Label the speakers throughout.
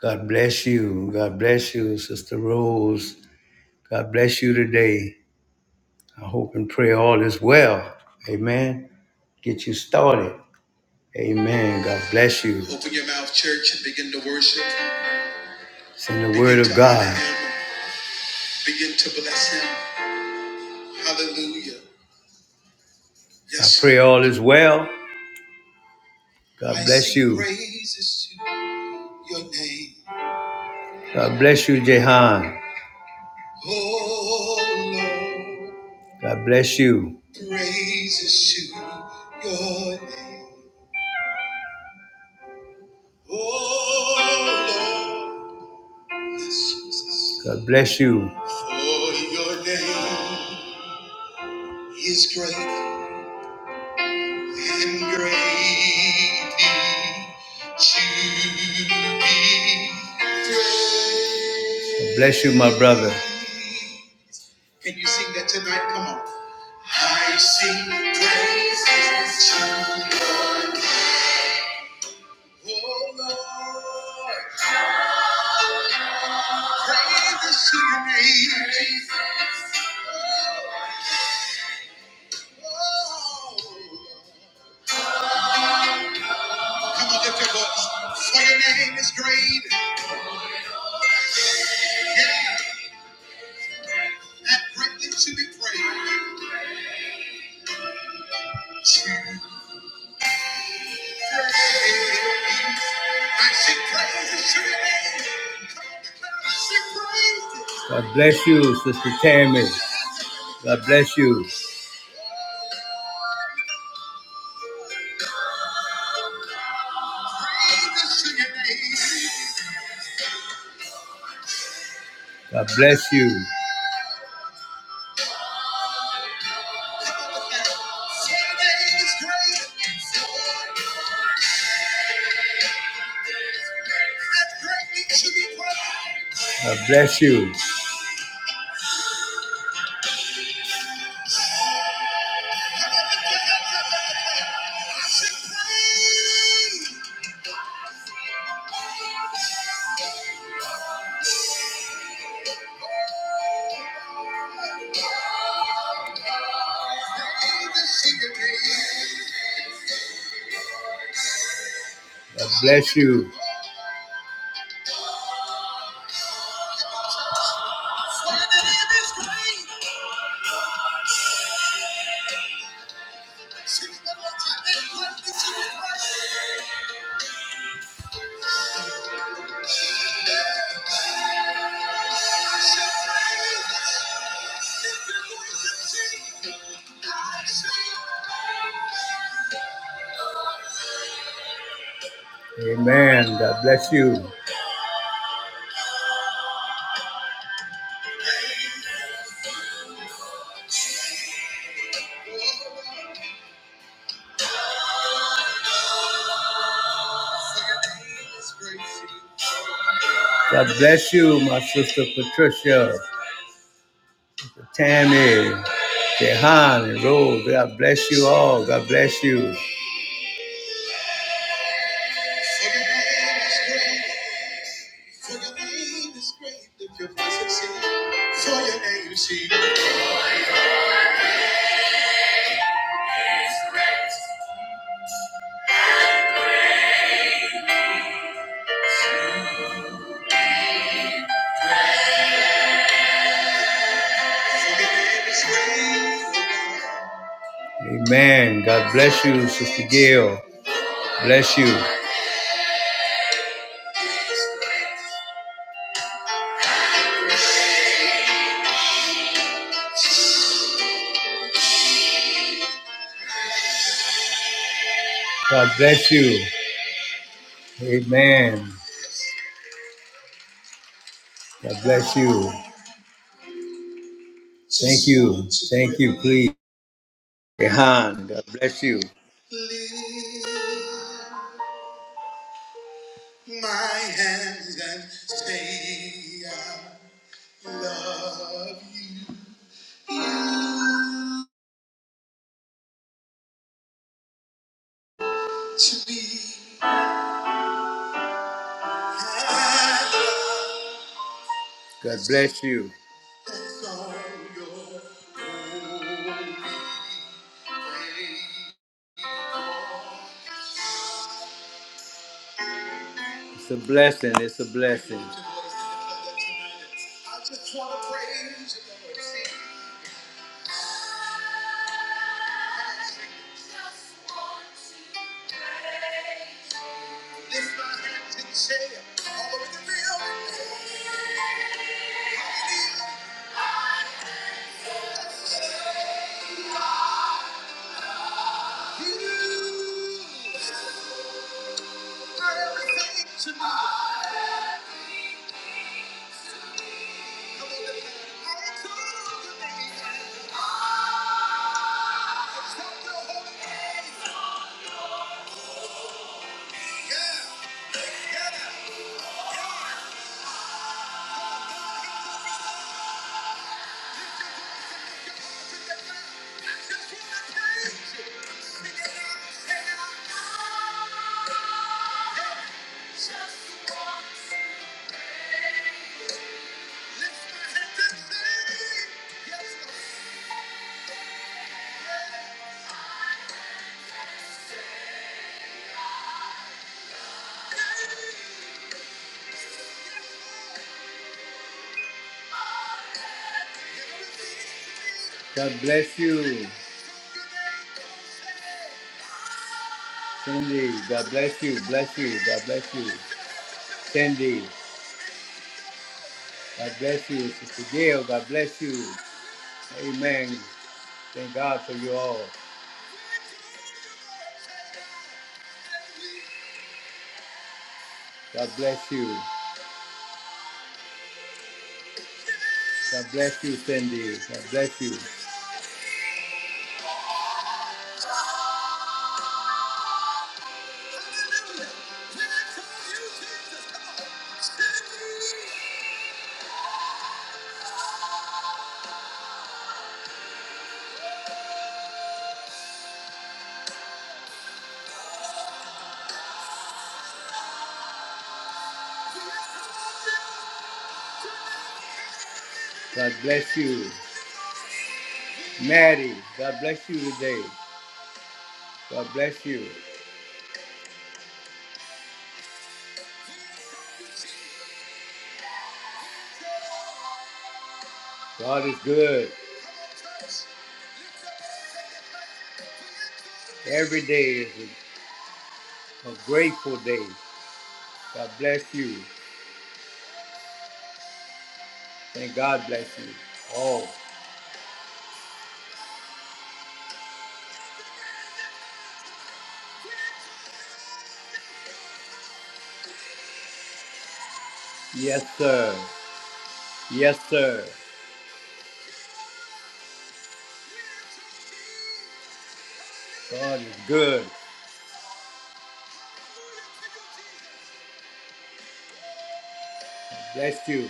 Speaker 1: God bless you. God bless you, Sister Rose. God bless you today. I hope and pray all is well. Amen. Get you started. Amen. God bless you. Open your mouth, church, and begin to worship. Send the Begin word of to honor God. honor Him. Begin to bless Him. Hallelujah. Yes. I pray all is well. God I bless sing you. praises to your name. God bless you, Jehan. Oh Lord, God bless you. praises to your name. Oh Lord, yes, Jesus, God bless you. for your name is great and greatly to be praised. God bless you, my brother. Can you sing that tonight? Come on. I sing praises to your name. Oh Lord, praises to your name. Oh, come on, lift your voice. For your name is great. Yeah, and greatly to be praised. To your name. I sing praises to your name. God bless you, Sister Tammy. God bless you. God bless you. God bless you. God bless you. Amen. God bless you. God bless you, my sister Patricia, Tammy, Jehan, and Rose. God bless you all. God bless you. Amen. God bless you, Sister Gail. Bless you. God bless you. Amen. God bless you. Thank you. Thank you. Please. Rehan, God bless you. Lift my hands and say I love you to me. I love God bless you. that's all your holy name. It's a blessing. It's a blessing. I just want to praise you, Lord. Yeah. God bless you, Cindy. God bless you. Bless you. God bless you, Cindy. God bless you, Sister Gail. God bless you. Amen. Thank God for you all. God bless you. God bless you, Cindy. God bless you. God bless you, Maddie. God bless you today. God bless you. God is good. Every day is a, a grateful day. God bless you. And God bless you. Oh, yes, sir. Yes, sir. God is good. Bless you.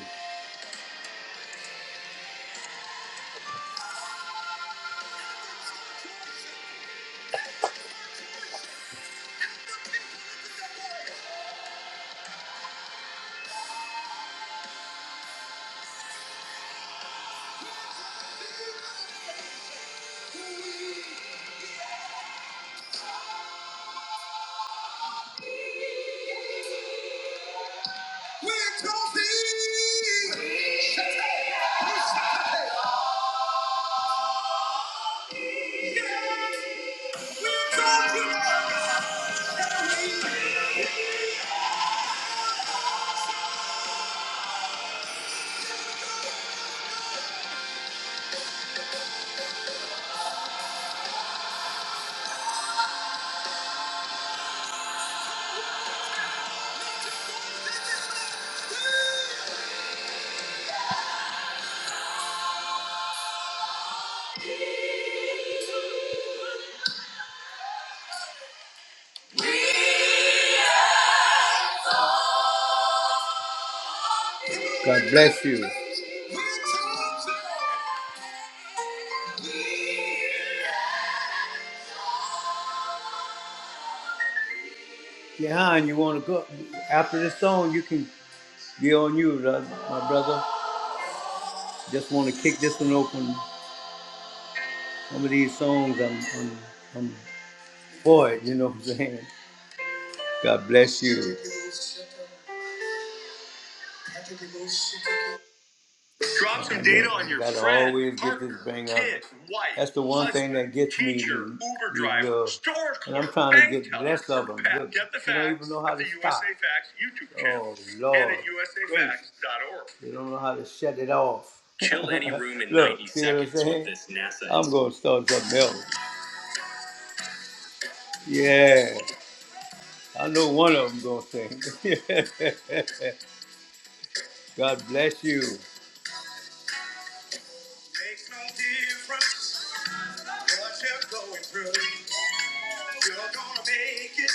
Speaker 1: God bless you. Jehan, you want to go after this song? You can be on you, my brother. Just want to kick this one open. Some of these songs I'm, I'm, I'm for it. You know what I'm saying? God bless you. Drop some data on your Gotta friend, always get partner, this bang up. kid, wife, That's the one husband, thing that gets teacher, me. Uber driver, uh, store clerk, and I'm trying to get teller, less of them. Pat, Look, Get the facts, they don't even know how to stop. USA Facts YouTube channel oh Lord, and at usafacts.org. They don't know how to shut it off. Chill any room in Look, 90 see what I'm seconds saying? with this thing. I'm gonna start something else. Yeah, I know one of them gonna sing. God bless you. Makes no difference what you're going through. You're gonna make it.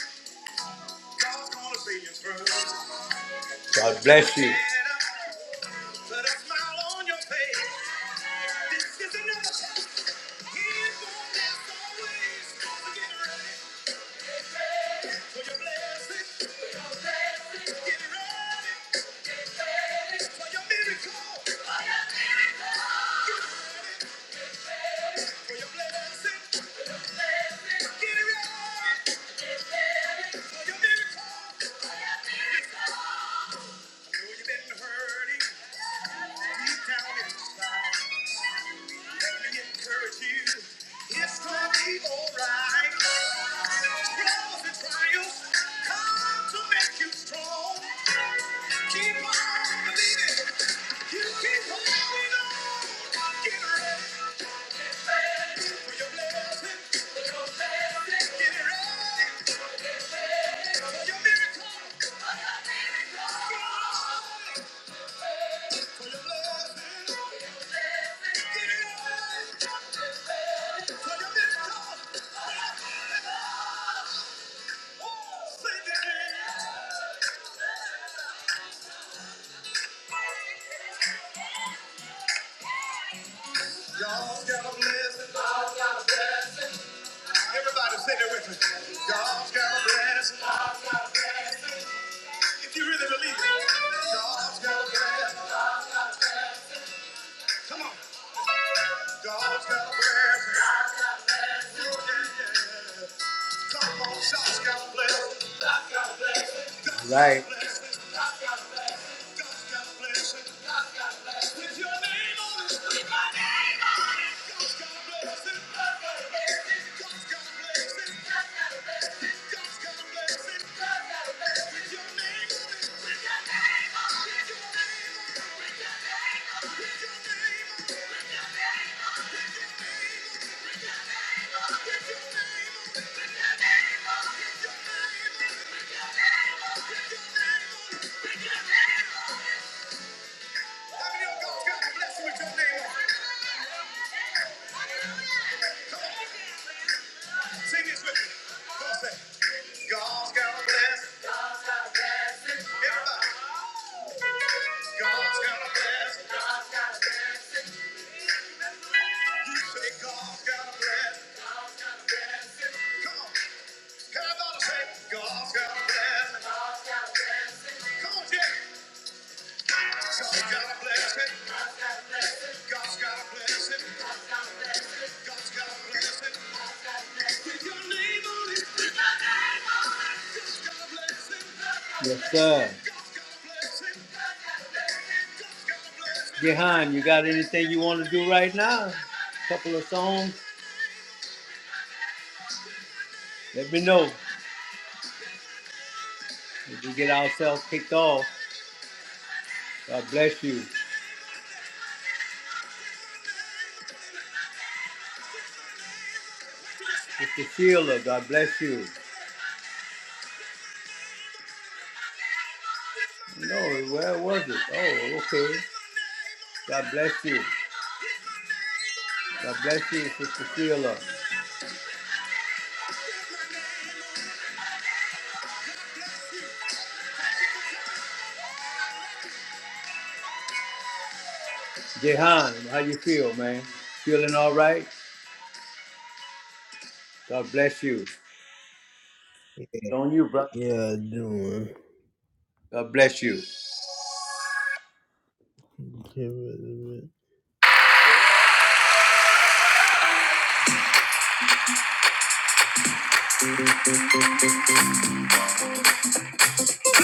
Speaker 1: God's gonna see you through. God bless you. Put a smile on your face. This is another Get ready for your miracle. I know you've been hurting. Deep down inside, let me encourage you. It's gonna be alright. Trials and trials come to make you strong. Keep on believing. You keep holding on. Get ready for your blessing. Get ready for your miracle. For your blessing. Get ready for your miracle. Oh, say that. God's got a blessing. Everybody sing it with me. God's got a blessing. If you really believe it. God's got a blessing. Come on. God's got a blessing. Yeah, yeah, yeah. Come on, God's got a blessing. Right. God's got a blessing. With your name on it. With your name Thank you. God's got a blessing it? God's got a blessing. Everybody. You say God's got a blessing. Come on. Everybody say God's got a blessing. Come on, Jay. God's got a blessing. God's got a blessing. God's got a blessing. With your name on it. Yes, sir. Jehan, you got anything you want to do right now? couple of songs? Let me know. If we get ourselves kicked off, God bless you. Mr. Sheila, God bless you. No, where was it? Oh, okay. God bless you. God bless you, Sister Sheila. Jehan, how you feel, man? Feeling all right? God bless you. On you, brother.
Speaker 2: Yeah, I do, man.
Speaker 1: God bless you.
Speaker 2: Okay,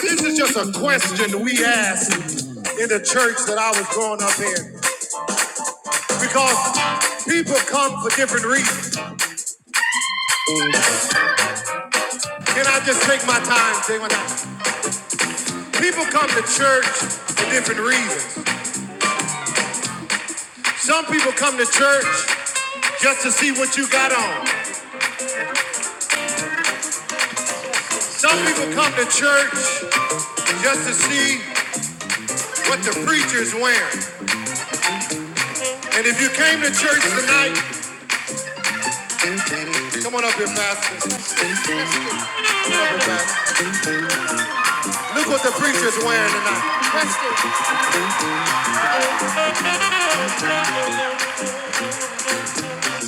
Speaker 2: This is just a question we asked in the church that I was growing up in. Because people come for different reasons. Can I just take my time? Take my time. People come to church for different reasons. Some people come to church just to see what you got on. Some people come to church just to see what the preacher's wearing. And if you came to church tonight, come on up here, Pastor. Come on up here, Pastor. Look what the preacher's wearing tonight.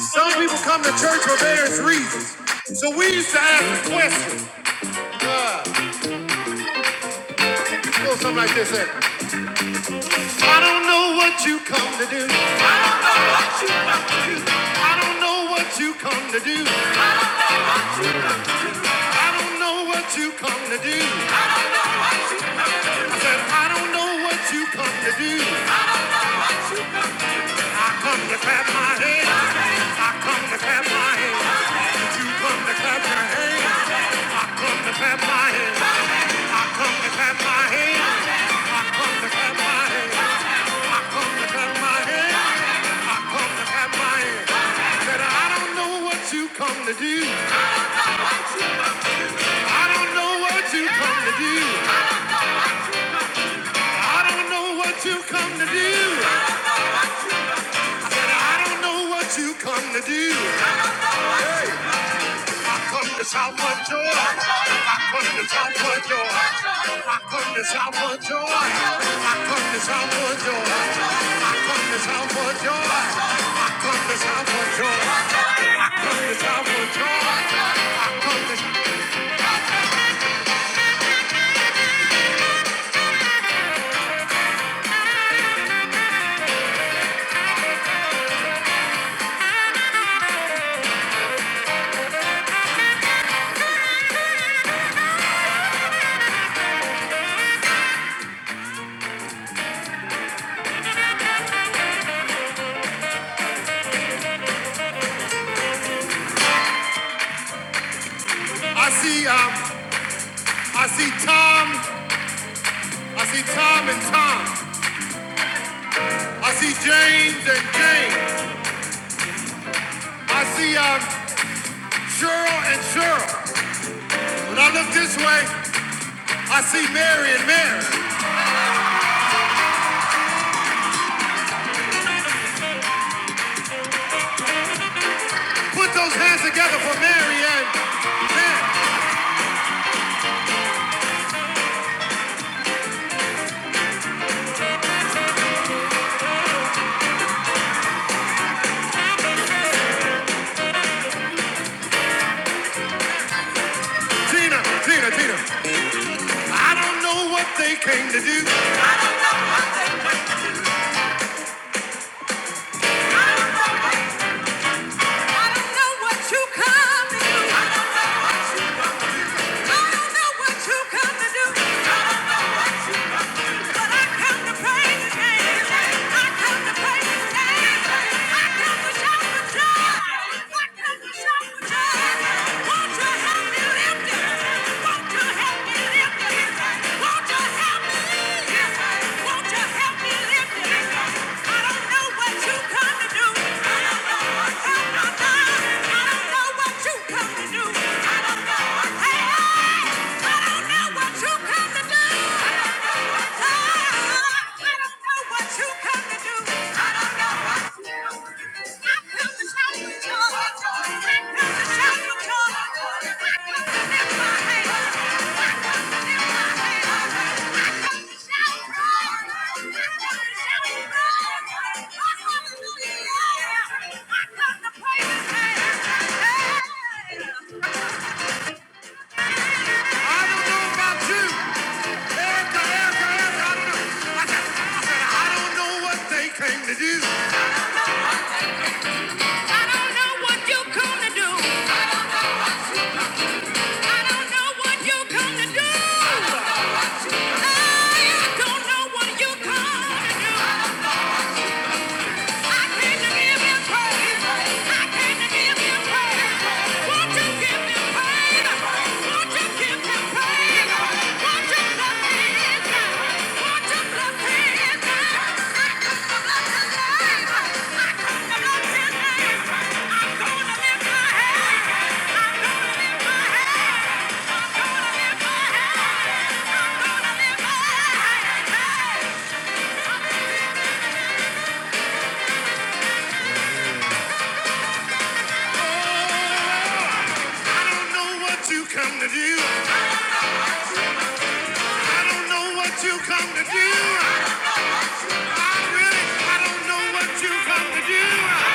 Speaker 2: Some people come to church for various reasons. So we used to ask questions. Uh, go something like this. eh? I don't know what you come to do. I don't know what you come to do. I don't know what you come to do. I said, I don't know what you come to do. I come to clap my hands. I come to clap my hands. You come to clap your hands. I Come to clap my hands. I Come to clap my hands. Come to do. I don't know what you come to do. I don't know what you come to do. And I don't know what you come to do. Come to Southwood Joy. Come to Southwood Joy. Come to Southwood Joy. I come to Southwood Joy. I come to Southwood Joy. I come to Southwood Joy. I come to Southwood Joy. I come to I see I'm I see Tom. I see Tom and Tom. I see James and James. I see um, Cheryl and Cheryl. When I look this way, I see Mary and Mary. Put those hands together for Mary and Mary. Tina, Tina, Tina. I don't know what they came to do. I don't know what they came to do. I don't know what, I don't know what you come to do. I don't know what you I don't know what you come to do. I don't know what yeah. I don't know about you. Erica, Erica, Erica, I don't know. I don't know what they came to do. I don't know what you come to do. I don't know what you come to do. I don't know what you I don't know what you come to do. I don't know what you come to do. I don't know what you come to do. I really, I don't know what you come to do.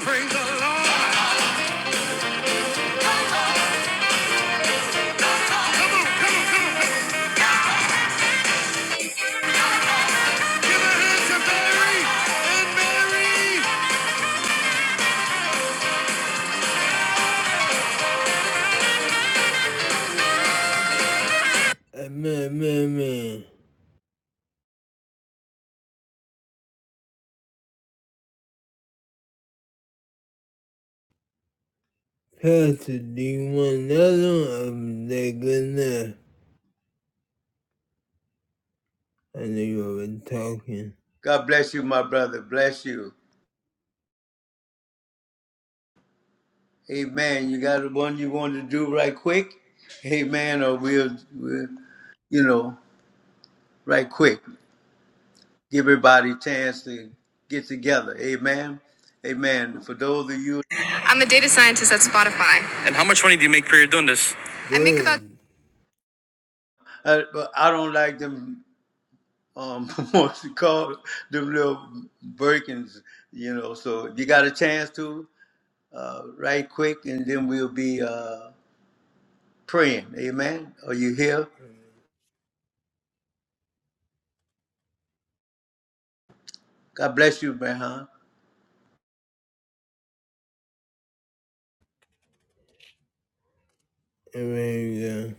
Speaker 2: Praise the Lord. Come on, come on, come on. Give a hand to Mary and Mary. I met my man. Pastor, do you want another one? I'm that good enough. I know you were talking.
Speaker 1: God bless you, my brother. Bless you. Amen. You got one you want to do right quick? Amen. Or we'll, we'll, you know, right quick. Give everybody a chance to get together. Amen. Amen. For those of you,
Speaker 2: I'm a data scientist at Spotify. And how much money do you make per year doing this? Good. I make about. Good.
Speaker 1: I, but I don't like them, um, what you call them little Birkins, you know. So you got a chance to, uh, right quick, and then we'll be uh, praying. Amen. Are you here? God bless you, Behan.
Speaker 2: And there you go.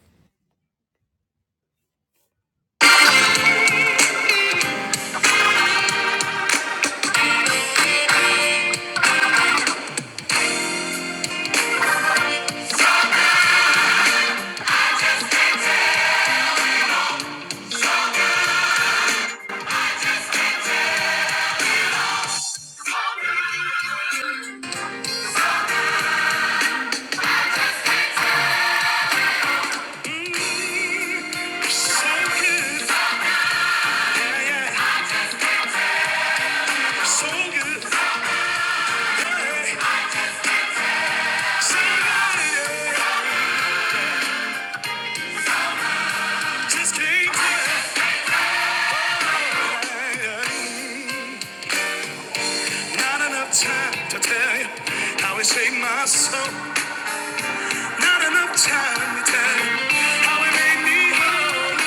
Speaker 2: So yeah, yeah, so yeah, so yeah. Not enough time to tell you how it made me whole.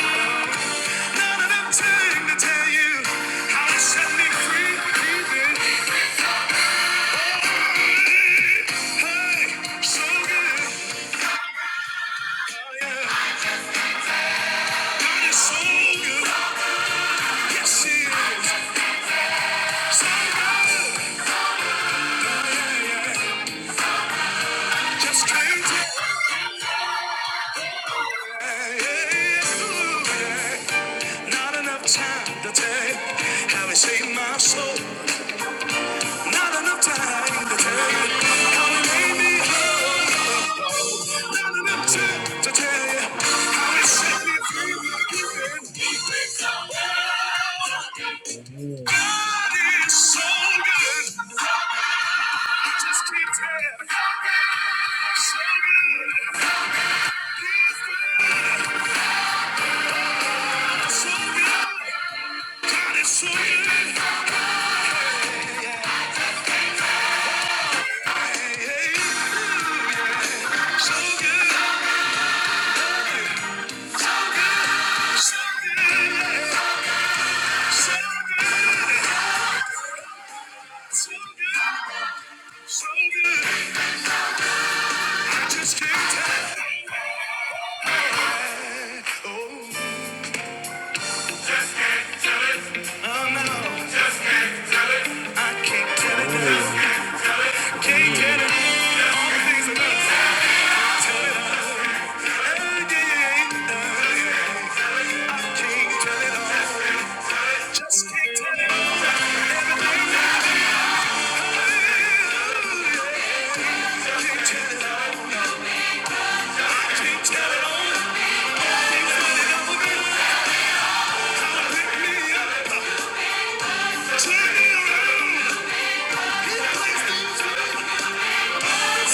Speaker 2: Not enough time to tell you how it set me free. So good, so good. Not enough time to tell you how it saved my soul. Not enough time to tell you how it made me whole. Not enough time, how it set me free. You've been, so good. God is so good. So So so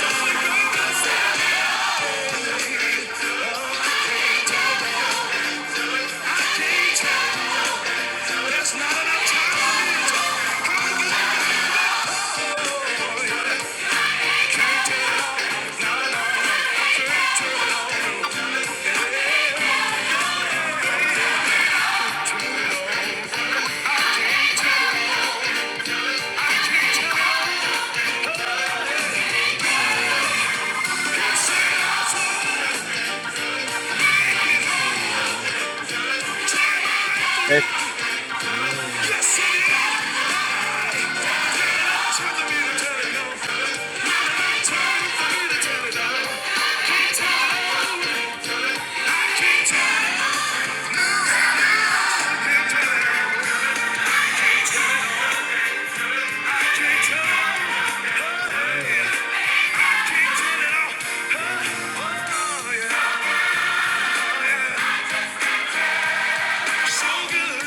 Speaker 2: Oh
Speaker 1: Bless
Speaker 2: Yes, Oh, yeah. So good.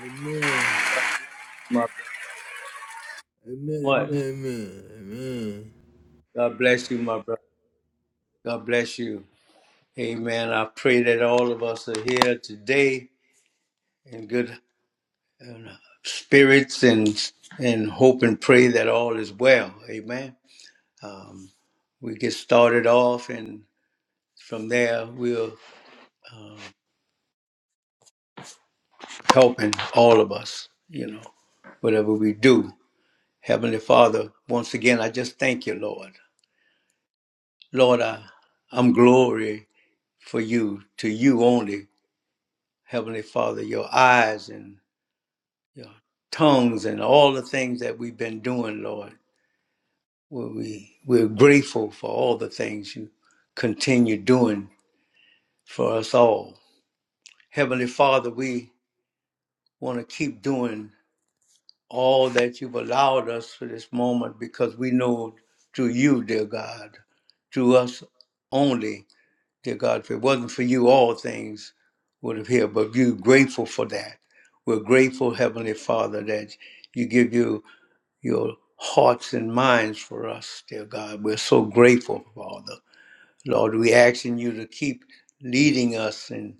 Speaker 2: Amen.
Speaker 1: you
Speaker 2: Amen.
Speaker 1: much.
Speaker 2: Amen. Amen.
Speaker 1: God bless you, my brother. God bless you. Amen. I pray that all of us are here today in good uh, spirits and and hope and pray that all is well. Amen. Um, we get started off, and from there we'll helping all of us. You know, whatever we do, Heavenly Father. Once again, I just thank you, Lord. Lord, I, I'm glory for you, to you only, Heavenly Father. Your eyes and your tongues and all the things that we've been doing, Lord. We're, we, we're grateful for all the things you continue doing for us all. Heavenly Father, we want to keep doing all that you've allowed us for this moment because we know through you, dear God, through us only, dear God, if it wasn't for you, all things would have here, but we're grateful for that. We're grateful, Heavenly Father, that you give you. your hearts and minds for us, dear God. We're so grateful, Father. Lord, we ask in you to keep leading us and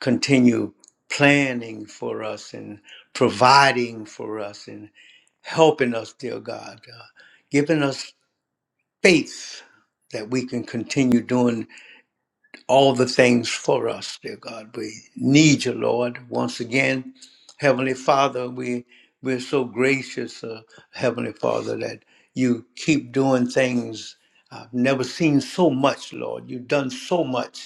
Speaker 1: continue planning for us and providing for us and helping us, dear God, uh, giving us faith that we can continue doing all the things for us, dear God. We need you, Lord. Once again, Heavenly Father, we we're so gracious, uh, Heavenly Father, that you keep doing things. I've never seen so much, Lord. You've done so much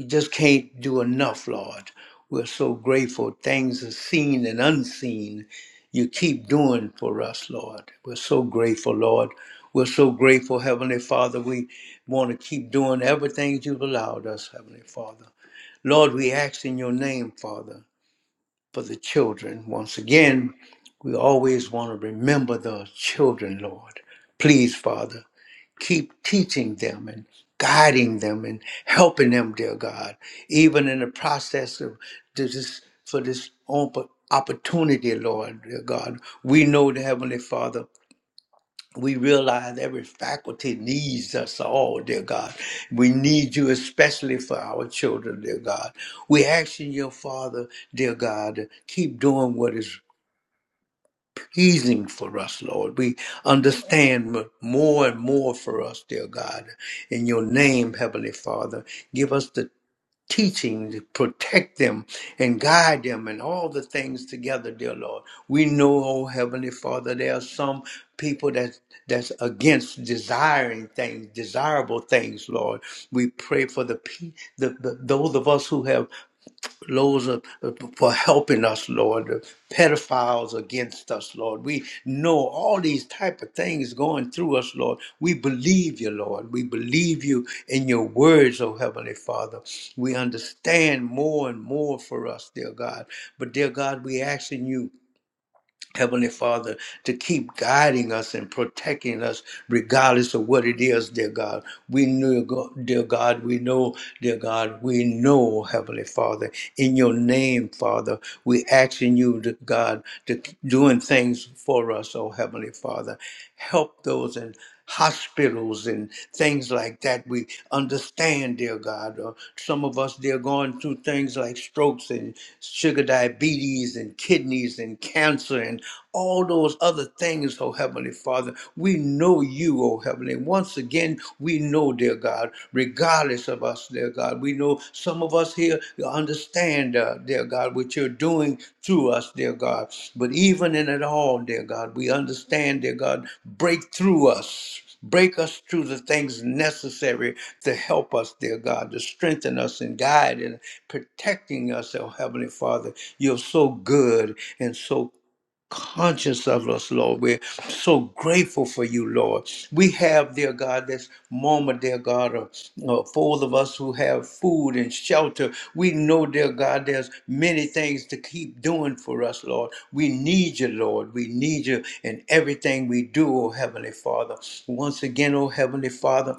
Speaker 1: we just can't do enough, Lord. We're so grateful. Things are seen and unseen you keep doing for us, Lord. We're so grateful, Lord. We're so grateful, Heavenly Father. We want to keep doing everything you've allowed us, Heavenly Father. Lord, we ask in your name, Father, for the children. Once again, we always want to remember the children, Lord. Please, Father keep teaching them and guiding them and helping them, dear God, even in the process of this for this op- opportunity, Lord, dear God. We know the Heavenly Father. We realize every faculty needs us all, dear God. We need you especially for our children, dear God. We ask you, your Father, dear God, to keep doing what is pleasing for us, Lord. We understand more and more for us, dear God. In your name, Heavenly Father, give us the teaching to protect them and guide them and all the things together, dear Lord. We know, oh Heavenly Father, there are some people that that's against desiring things, desirable things, Lord. We pray for the, pe- the, the those of us who have those are, for helping us, Lord. The pedophiles against us, Lord. We know all these type of things going through us, Lord. We believe you, Lord. We believe you in your words, oh Heavenly Father. We understand more and more for us, dear God. But dear God, we asking you Heavenly Father, to keep guiding us and protecting us regardless of what it is, dear God. We know, go- dear God, we know, dear God, we know, Heavenly Father, in your name, Father, we asking you, dear God, to keep doing things for us, oh Heavenly Father. Help those and hospitals and things like that. We understand, dear God. Or some of us, they're going through things like strokes and sugar diabetes and kidneys and cancer and all those other things, oh Heavenly Father. We know you, oh Heavenly. Once again, we know, dear God, regardless of us, dear God, we know some of us here understand, uh, dear God, what you're doing through us, dear God. But even in it all, dear God, we understand, dear God, break through us. Break us through the things necessary to help us, dear God, to strengthen us and guide and protecting us, oh Heavenly Father. You're so good and so conscious of us, Lord. We're so grateful for you, Lord. We have, dear God, this moment, dear God, of uh, four of us who have food and shelter. We know, dear God, there's many things to keep doing for us, Lord. We need you, Lord. We need you in everything we do, oh Heavenly Father. Once again, oh Heavenly Father,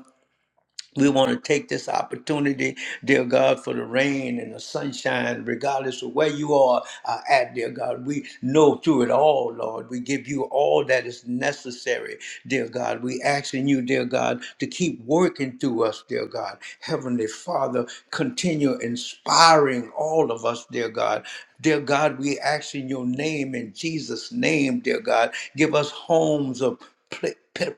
Speaker 1: we want to take this opportunity, dear God, for the rain and the sunshine, regardless of where you are uh, at, dear God. We know through it all, Lord. We give you all that is necessary, dear God. We asking you, dear God, to keep working through us, dear God. Heavenly Father, continue inspiring all of us, dear God. Dear God, we ask in your name, in Jesus' name, dear God, give us homes of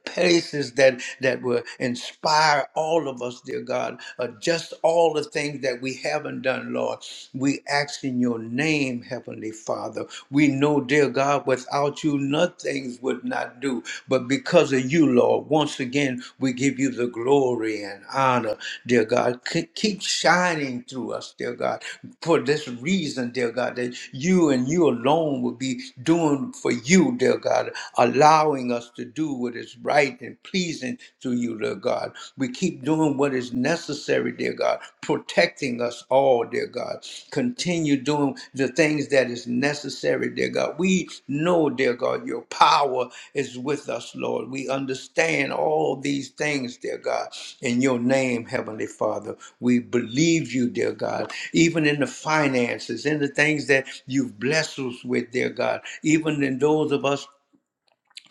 Speaker 1: places that that will inspire all of us dear god uh, just all the things that we haven't done lord we ask in your name heavenly father we know dear god without you nothing would not do but because of you lord once again we give you the glory and honor dear god K- keep shining through us dear god for this reason dear god that you and you alone will be doing for you dear god allow allowing us to do what is right and pleasing to you, Lord God. We keep doing what is necessary, dear God, protecting us all, dear God. Continue doing the things that is necessary, dear God. We know, dear God, your power is with us, Lord. We understand all these things, dear God. In your name, Heavenly Father, we believe you, dear God, even in the finances, in the things that you've blessed us with, dear God, even in those of us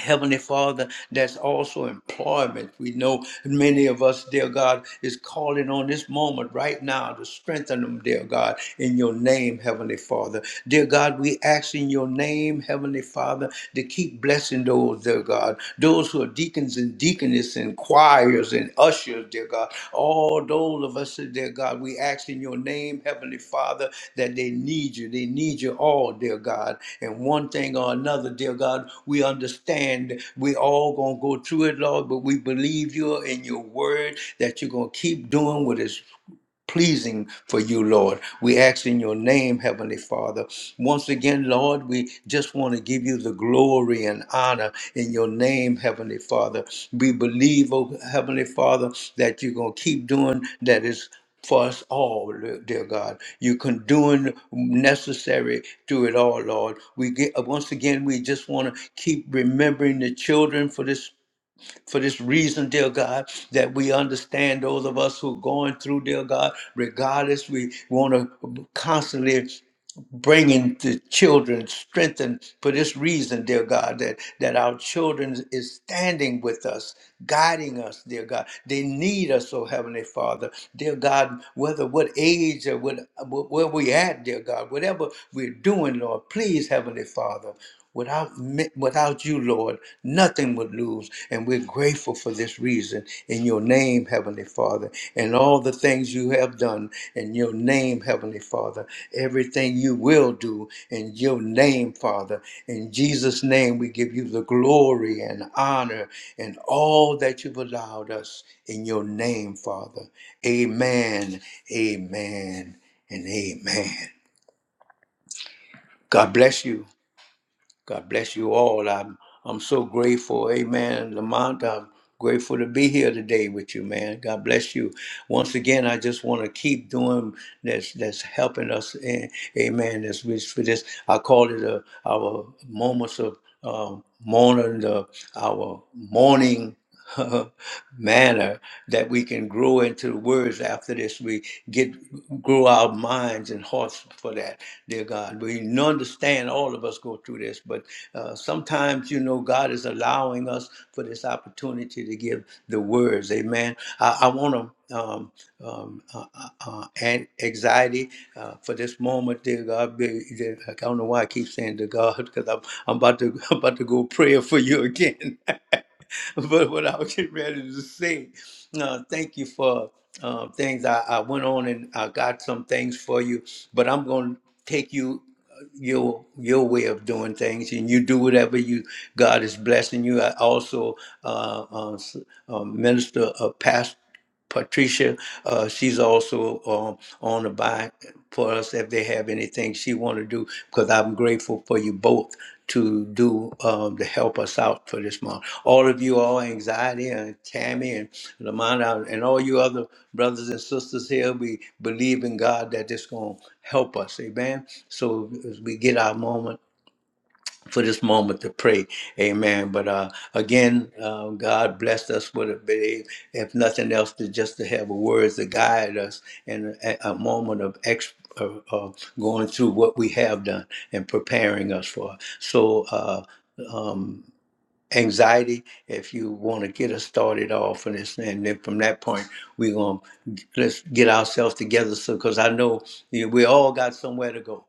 Speaker 1: Heavenly Father, that's also employment. We know many of us, dear God, is calling on this moment right now to strengthen them, dear God, in your name, Heavenly Father. Dear God, we ask in your name, Heavenly Father, to keep blessing those, dear God, those who are deacons and deaconesses and choir choirs and ushers, dear God, all those of us, dear God, we ask in your name, Heavenly Father, that they need you. They need you all, dear God. And one thing or another, dear God, we understand we all going to go through it, Lord, but we believe you in your word that you're going to keep doing what is pleasing for you, Lord. We ask in your name, Heavenly Father. Once again, Lord, we just want to give you the glory and honor in your name, Heavenly Father. We believe, oh Heavenly Father, that you're going to keep doing that is for us all, dear God. You can doing necessary through it all, Lord. We get once again, we just want to keep remembering the children for this for this reason, dear God, that we understand those of us who are going through, dear God, regardless, we want to constantly bringing the children strengthened for this reason dear god that that our children is standing with us guiding us dear god they need us oh heavenly father dear god whether what age or what where we at dear god whatever we're doing lord please heavenly father Without, me- without you, Lord, nothing would lose. And we're grateful for this reason in your name, Heavenly Father, and all the things you have done in your name, Heavenly Father, everything you will do in your name, Father. In Jesus' name, we give you the glory and honor and all that you've allowed us in your name, Father. Amen, amen, and amen. God bless you. God bless you all. I'm I'm so grateful. Amen. Lamont, I'm grateful to be here today with you, man. God bless you. Once again, I just want to keep doing that's that's helping us. And amen. That's rich for this. I call it a, our moments of um, mourning, the, our morning. manner that we can grow into words after this. We get grow our minds and hearts for that, dear God. We understand all of us go through this, but uh, sometimes you know God is allowing us for this opportunity to give the words. Amen. I, I want to. Um, um, uh, uh, uh, and anxiety uh, for this moment, dear God. be- dear- I don't know why I keep saying to God because I'm, I'm about to I'm about to go prayer for you again. but what I was getting ready to say, uh, thank you for uh, things. I, I went on and I got some things for you, but I'm going to take you uh, your your way of doing things, and you do whatever you God is blessing you. I also uh, uh, s- uh, minister a past. Patricia, uh, she's also um, on the buy for us if they have anything she want to do. Because I'm grateful for you both to do um, to help us out for this month. All of you, all anxiety and Tammy and Lamont and all you other brothers and sisters here, we believe in God that it's going to help us. Amen. So as we get our moment for this moment to pray. Amen. But uh, again, um, God blessed us with a big, if nothing else, to just to have words to guide us in a, a moment of ex- of, of going through what we have done and preparing us for. So, uh, um, anxiety, if you want to get us started off on this, and then from that point, we're going to let's get ourselves together. So, because I know you know, we all got somewhere to go.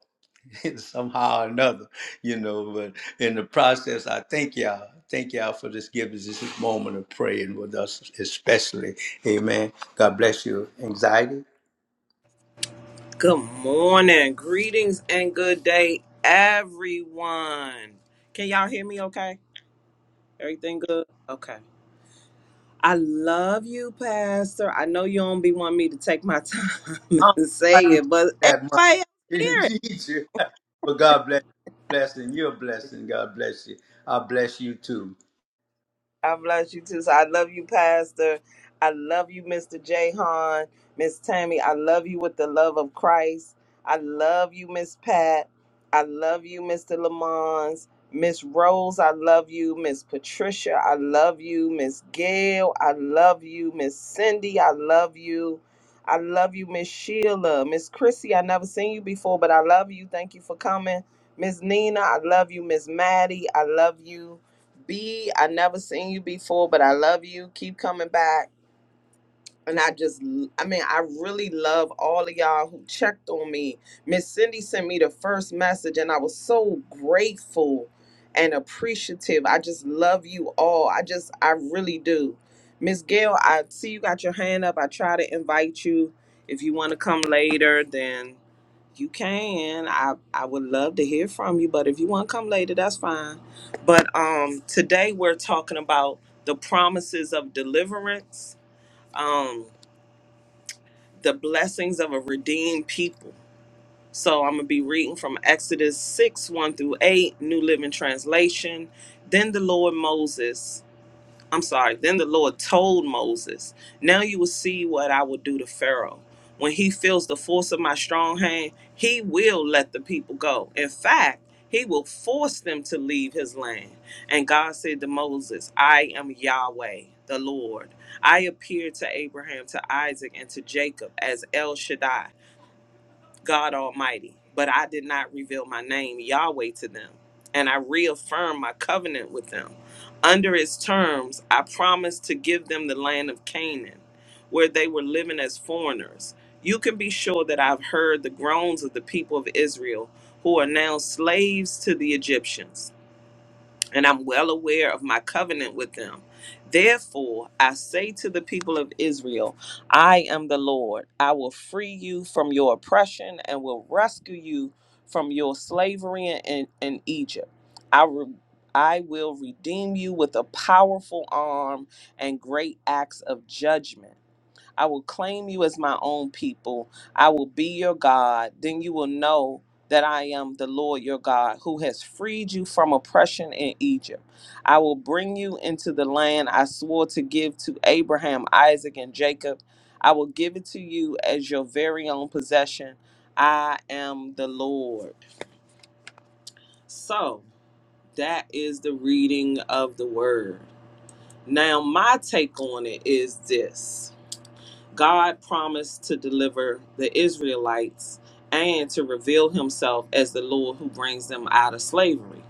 Speaker 1: somehow or another, you know. But in the process, I thank y'all. Thank y'all for this giving us this moment of praying with us, especially. Amen. God bless you. Anxiety.
Speaker 3: Good morning, greetings, and good day, everyone. Can y'all hear me okay? Everything good? Okay. I love you, Pastor. I know you don't be wanting me to take my time
Speaker 1: I
Speaker 3: and say
Speaker 1: don't know why you keep
Speaker 3: it, but
Speaker 1: that money.
Speaker 3: everybody else
Speaker 1: You
Speaker 3: hear it.
Speaker 1: need you. But God bless you. Blessing. You're a blessing. God bless you. I bless you too.
Speaker 3: I bless you too. So I love you, Pastor. I love you, Mr. Jahan, Miss Tammy. I love you with the love of Christ. I love you, Miss Pat. I love you, Mr. Lamons. Miss Rose, I love you. Miss Patricia, I love you. Miss Gail, I love you. Miss Cindy, I love you. I love you, Miss Sheila. Miss Chrissy, I never seen you before, but I love you. Thank you for coming. Miss Nina, I love you. Miss Maddie, I love you. B, I never seen you before, but I love you. Keep coming back and I just, l- I mean, I really love all of y'all who checked on me. Miss Cindy sent me the first message, and I was so grateful and appreciative. I just love you all. I just, I really do. Miss Gail, I see you got your hand up. I try to invite you. If you want to come later, then you can. I I would love to hear from you, but if you want to come later, that's fine. But um, today we're talking about the promises of deliverance. Um, the blessings of a redeemed people. So I'm going to be reading from Exodus 6 1 through 8, New Living Translation. Then the Lord Moses I'm sorry. Then the Lord told Moses, Now you will see what I will do to Pharaoh. When he feels the force of my strong hand, he will let the people go. In fact, he will force them to leave his land. And God said to Moses, I am Yahweh, the Lord. I appeared to Abraham, to Isaac, and to Jacob as El Shaddai. God Almighty, but I did not reveal my name, Yahweh, to them. And I reaffirmed my covenant with them. Under its terms, I promised to give them the land of Canaan, where they were living as foreigners. You can be sure that I've heard the groans of the people of Israel, who are now slaves to the Egyptians and I'm well aware of my covenant with them. Therefore, I say to the people of Israel, I am the Lord. I will free you from your oppression and will rescue you from your slavery in, in Egypt. I, re- I will redeem you with a powerful arm and great acts of judgment. I will claim you as my own people. I will be your God. Then you will know that I am the Lord your God who has freed you from oppression in Egypt. I will bring you into the land I swore to give to Abraham, Isaac, and Jacob. I will give it to you as your very own possession. I am the Lord. So that is the reading of the word. Now, my take on it is this. God promised to deliver the Israelites and to reveal himself as the Lord who brings them out of slavery.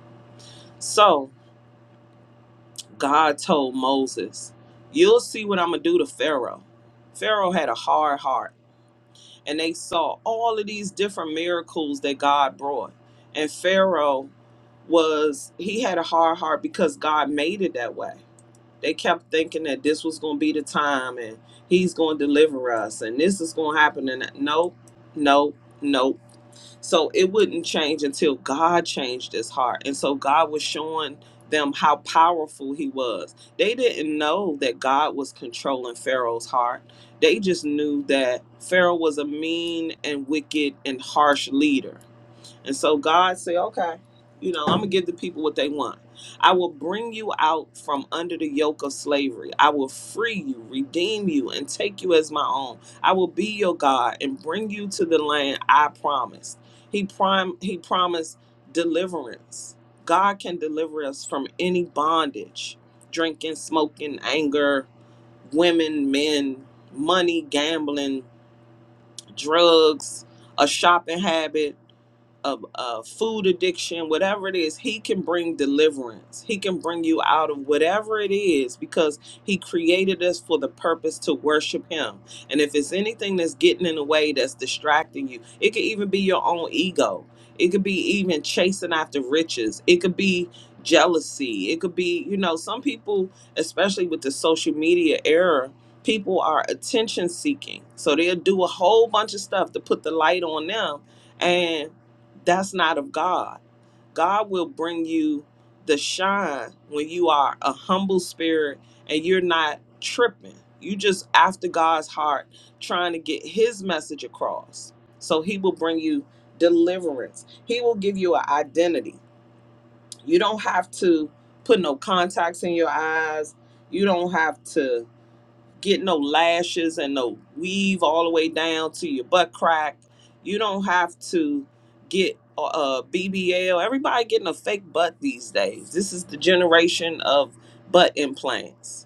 Speaker 3: So God told Moses, You'll see what I'm going to do to Pharaoh. Pharaoh had a hard heart, and they saw all of these different miracles that God brought. And Pharaoh was, he had a hard heart because God made it that way. They kept thinking that this was going to be the time and he's going to deliver us and this is going to happen. And no, no, no. So it wouldn't change until God changed his heart. And so God was showing them how powerful he was. They didn't know that God was controlling Pharaoh's heart. They just knew that Pharaoh was a mean and wicked and harsh leader and so God said, okay, you know, I'm going to give the people what they want. I will bring you out from under the yoke of slavery. I will free you, redeem you, and take you as my own. I will be your God and bring you to the land I promised. He prom- he promised deliverance. God can deliver us from any bondage, drinking, smoking, anger, women, men, money, gambling, drugs, a shopping habit, a, a food addiction, whatever it is, he can bring deliverance. He can bring you out of whatever it is because he created us for the purpose to worship him. And if it's anything that's getting in the way that's distracting you, it could even be your own ego. It could be even chasing after riches. It could be jealousy. It could be, you know, some people, especially with the social media era, people are attention seeking. So they'll do a whole bunch of stuff to put the light on them. And that's not of God. God will bring you the shine when you are a humble spirit and you're not tripping. You just after God's heart trying to get his message across. So he will bring you deliverance. He will give you an identity. You don't have to put no contacts in your eyes. You don't have to get no lashes and no weave all the way down to your butt crack. You don't have to get a BBL. Everybody getting a fake butt these days. This is the generation of butt implants.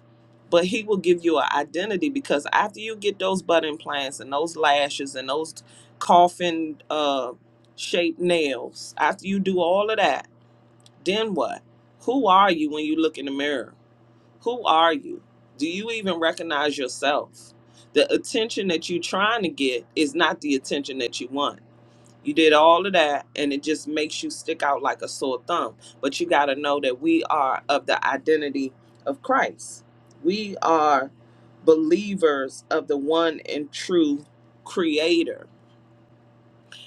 Speaker 3: But he will give you an identity because after you get those butt implants and those lashes and those coffin uh, shaped nails, after you do all of that, then what? Who are you when you look in the mirror? Who are you? Do you even recognize yourself? The attention that you're trying to get is not the attention that you want. You did all of that, and it just makes you stick out like a sore thumb. But you got to know that we are of the identity of Christ. We are believers of the one and true Creator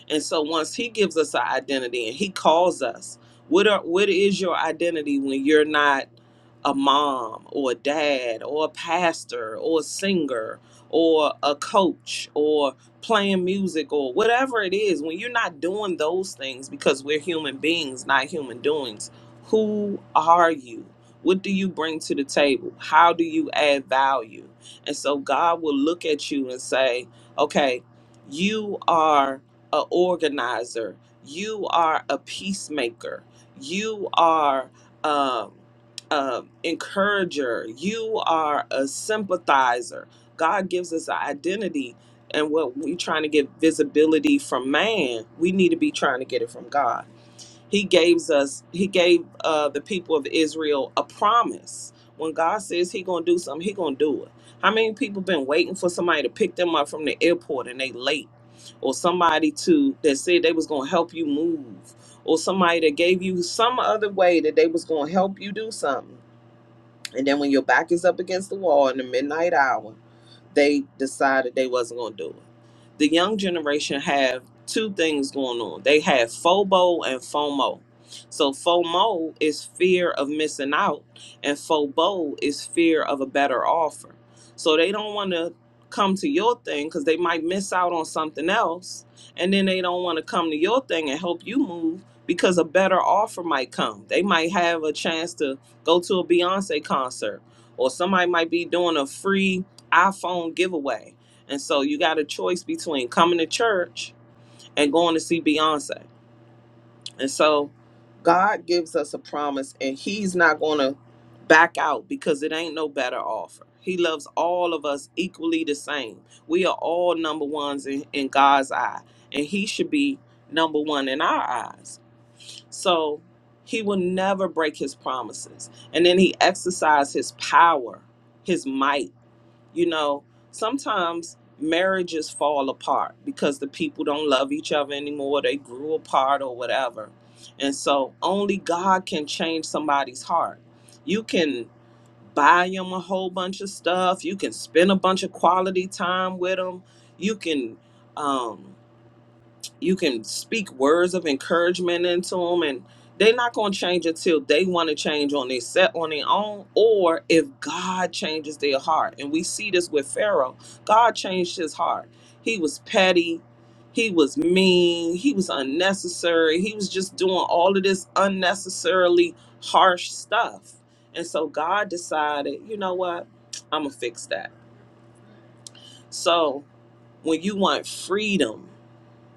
Speaker 3: and so once he gives us our identity and he calls us, what are what is your identity when you're not a mom or a dad or a pastor or a singer or a coach or playing music or whatever it is, when you're not doing those things because we're human beings, not human doings, who are you? What do you bring to the table? How do you add value? And so God will look at you and say, okay, you are a organizer. You are a peacemaker. You are um, um, encourager. You are a sympathizer. God gives us an identity, and what we're trying to get visibility from man, we need to be trying to get it from God he gave us he gave uh the people of israel a promise when god says he gonna do something he gonna do it how many people been waiting for somebody to pick them up from the airport and they late or somebody to that said they was gonna help you move or somebody that gave you some other way that they was gonna help you do something and then when your back is up against the wall in the midnight hour, they decided they wasn't going to do it. The young generation have two things going on. They have FOBO and FOMO. So FOMO is fear of missing out, and FOBO is fear of a better offer. So they don't want to come to your thing because they might miss out on something else, and then they don't want to come to your thing and help you move because a better offer might come. They might have a chance to go to a Beyonce concert, or somebody might be doing a free iPhone giveaway. And so you got a choice between coming to church and going to see Beyonce. And so God gives us a promise, and He's not going to back out because it ain't no better offer. He loves all of us equally the same. We are all number ones in, in God's eye, and He should be number one in our eyes. So he will never break his promises. And then he exercised his power, his might. You know, sometimes marriages fall apart because the people don't love each other anymore. They grew apart or whatever. And so only God can change somebody's heart. You can buy them a whole bunch of stuff, you can spend a bunch of quality time with them, you can. Um, you can speak words of encouragement into them and they're not going to change until they want to change on their set on their own or if god changes their heart and we see this with pharaoh god changed his heart he was petty he was mean he was unnecessary he was just doing all of this unnecessarily harsh stuff and so god decided you know what i'm gonna fix that so when you want freedom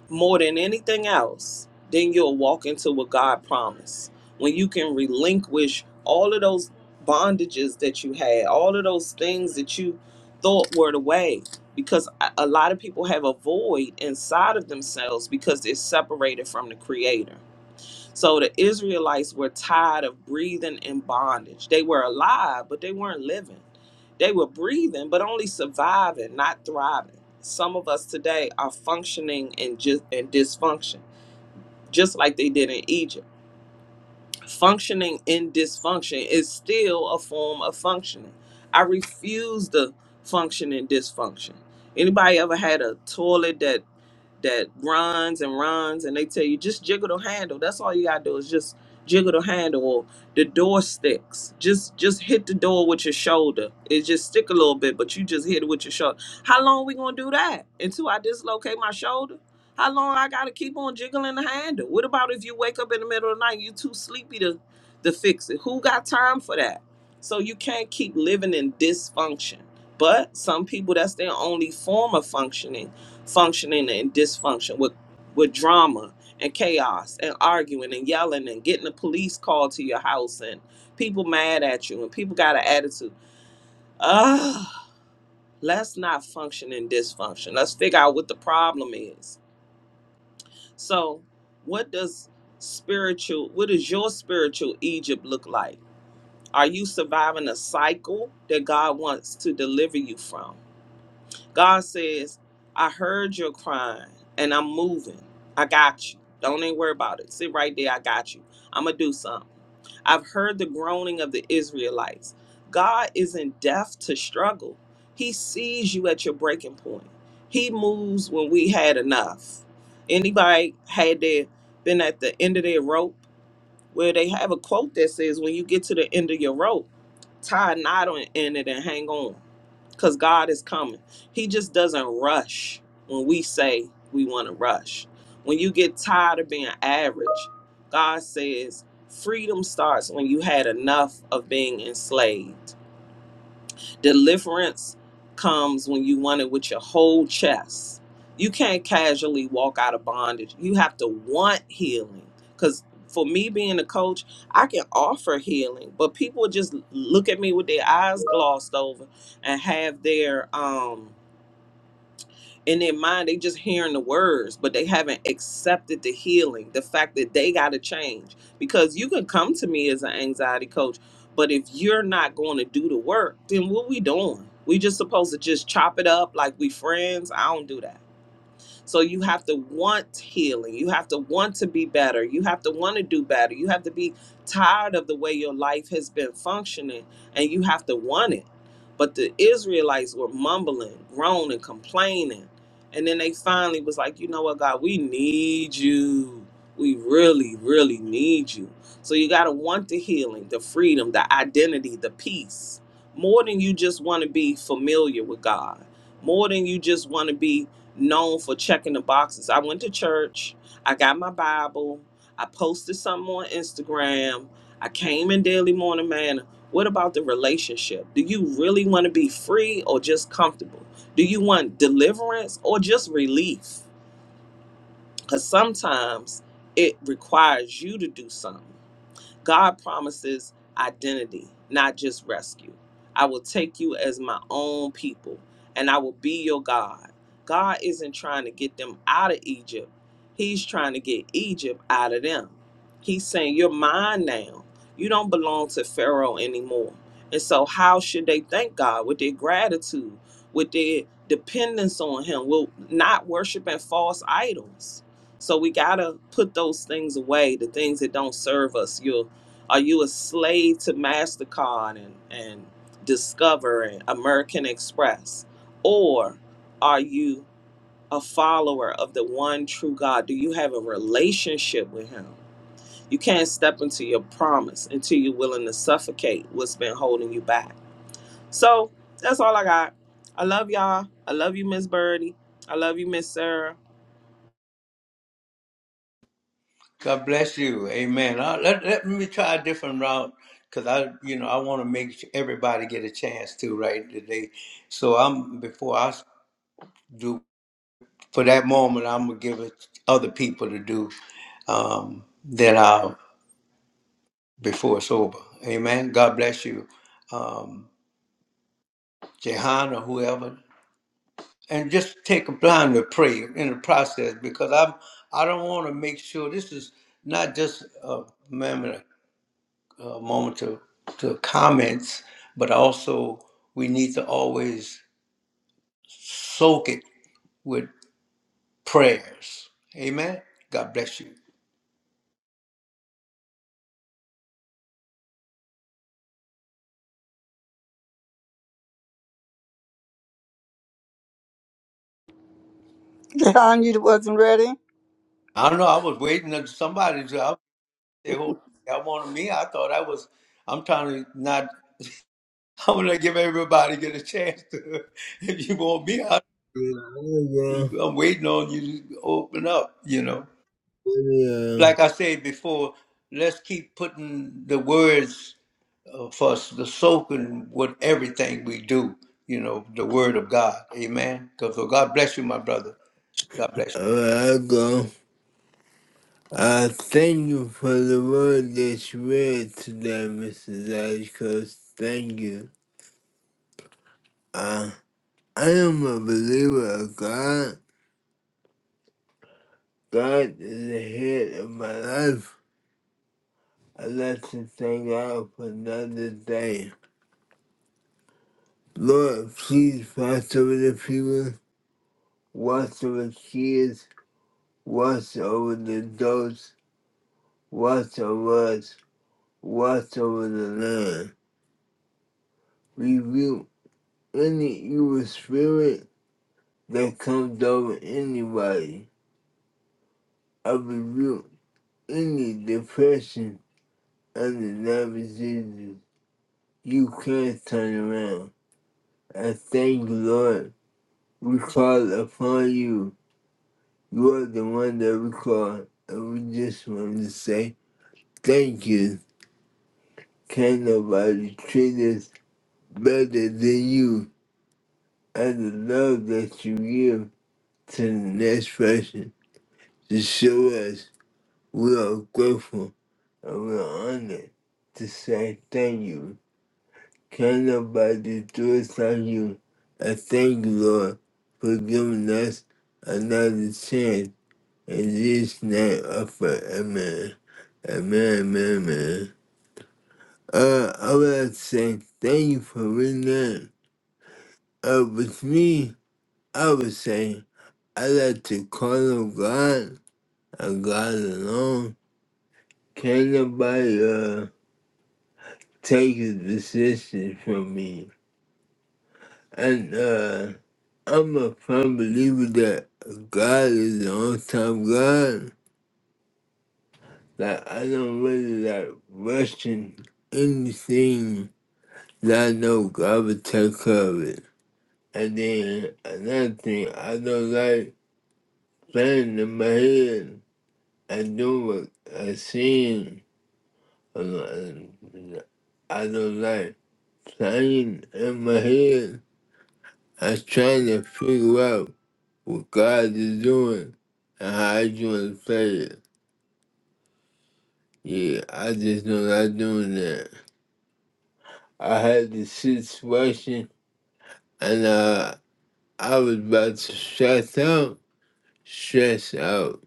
Speaker 3: more than anything else, then you'll walk into what God promised. When you can relinquish all of those bondages that you had, all of those things that you thought were the way, because a a lot of people have a void inside of themselves because they're separated from the Creator so the Israelites were tired of breathing in bondage. They were alive, but they weren't living. They were breathing, but only surviving, not thriving. Some of us today are functioning in just in dysfunction, just like they did in Egypt. Functioning in dysfunction is still a form of functioning. I refuse to function in dysfunction. Anybody ever had a toilet that that runs and runs and they tell you just jiggle the handle that's all you gotta do is just jiggle the handle or the door sticks just just hit the door with your shoulder it just stick a little bit but you just hit it with your shoulder how long we gonna do that until i dislocate my shoulder how long i gotta keep on jiggling the handle what about if you wake up in the middle of the night you too sleepy to to fix it who got time for that so you can't keep living in dysfunction but some people that's their only form of functioning functioning and dysfunction with with drama and chaos and arguing and yelling and getting the police called to your house and people mad at you and people got an attitude. Ah, let's not function in dysfunction. Let's figure out what the problem is. So, what does spiritual what does your spiritual Egypt look like? Are you surviving a cycle that God wants to deliver you from? God says, I heard your crying and I'm moving. I got you. Don't even worry about it. Sit right there. I got you. I'm going to do something. I've heard the groaning of the Israelites. God isn't deaf to struggle, He sees you at your breaking point. He moves when we had enough. Anybody had their, been at the end of their rope where they have a quote that says, When you get to the end of your rope, tie a knot on in it and hang on because God is coming. He just doesn't rush when we say we want to rush. When you get tired of being average, God says freedom starts when you had enough of being enslaved. Deliverance comes when you want it with your whole chest. You can't casually walk out of bondage. You have to want healing. Because for me being a coach, I can offer healing, but people just look at me with their eyes glossed over and have their um in their mind they just hearing the words but they haven't accepted the healing the fact that they got to change because you can come to me as an anxiety coach but if you're not going to do the work then what we doing we just supposed to just chop it up like we friends i don't do that so you have to want healing. You have to want to be better. You have to want to do better. You have to be tired of the way your life has been functioning and you have to want it. But the Israelites were mumbling, groaning, complaining. And then they finally was like, you know what, God, we need you. We really, really need you. So you got to want the healing, the freedom, the identity, the peace, more than you just want to be familiar with God, more than you just want to be known for checking the boxes. I went to church, I got my Bible, I posted something on Instagram, I came in Daily Morning Manna. What about the relationship? Do you really want to be free or just comfortable? Do you want deliverance or just relief? Because sometimes it requires you to do something. God promises identity, not just rescue. I will take you as my own people, and I will be your God. God isn't trying to get them out of Egypt, He's trying to get Egypt out of them. He's saying, You're mine now. You don't belong to Pharaoh anymore. And so, how should they thank God? With their gratitude, with their dependence on Him, with not worshiping false idols. So we gotta put those things away, the things that don't serve us, your are you a slave to MasterCard and, and Discover and American Express? Or are you a follower of the one true God? Do you have a relationship with Him? You can't step into your promise until you're willing to suffocate what's been holding you back. So that's all I got. I love y'all. I love you, Miss Birdie. I love you, Miss Sarah.
Speaker 1: God bless you. Amen. Uh, let, let me try a different route because I, you know, I want to make sure everybody get a chance to right today. So I'm before I do for that moment, I'm gonna give it other people to do um, than I before sober. Amen. God bless you, um, Jehan or whoever, and just take a time to pray in the process because I I don't want to make sure this is not just a moment a moment to to comments, but also we need to always soak it with prayers. Amen. God bless you.
Speaker 4: John, you wasn't ready.
Speaker 1: I don't know. I was waiting on somebody. They hold that on me. I thought I was. I'm trying to not. I'm gonna give everybody get a chance to. If you want me, I,
Speaker 2: Amen.
Speaker 1: I'm waiting on you to open up. You know,
Speaker 2: Amen.
Speaker 1: like I said before, let's keep putting the words uh, for us the soaking with everything we do. You know, the word of God. Amen. Because so God bless you, my brother. God bless
Speaker 2: I go. I thank you for the word that you read today, Mr. Dashkos. Thank you. Uh, I am a believer of God. God is the head of my life. I'd like to thank God for another day. Lord, please pass over the people watch over kids, watch over the adults, watch over us, watch over the land. Rebuke any evil spirit that comes over anybody. I rebuke any depression and the diseases. You can't turn around. I thank you, Lord. We call upon you. You are the one that we call. And we just want to say thank you. Can nobody treat us better than you and the love that you give to the next person to show us we are grateful and we are honored to say thank you. Can nobody do us like you? I thank you, Lord, for giving us another chance. In Jesus' name, I pray. Amen. Amen, amen, amen. Uh, I would like to say thank you for reading that. Uh, with me, I would say I like to call on God and God alone. Can nobody uh, take his decision from me? And uh, I'm a firm believer that God is the on time God. Like I don't really like rushing anything that I know God will take care of it. And then another thing I don't like planning in my head. I do what I sing. uh, I don't like playing in my head. I'm trying to figure out what God is doing and how I want to play it. Yeah, I just don't like doing that. I had this situation and uh, I was about to stress out, stress out.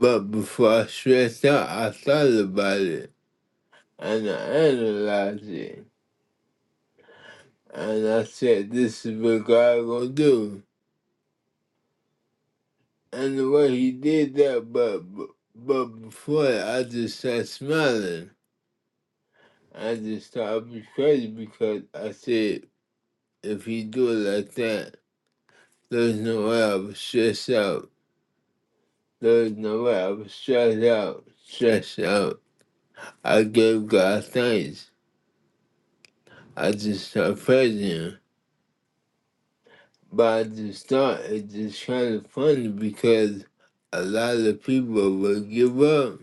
Speaker 2: But before I stressed out, I thought about it and I analyzed it. And I said, this is what God gonna do. And the way he did that, but but but before that, I just started smiling. I just thought I'd be crazy because I said, if he do it like that, there's no way I was stressed out. There's no way I was stressed out, stressed out. I gave God thanks. I just started praising him. But I just thought it's just kind of funny because a lot of people will give up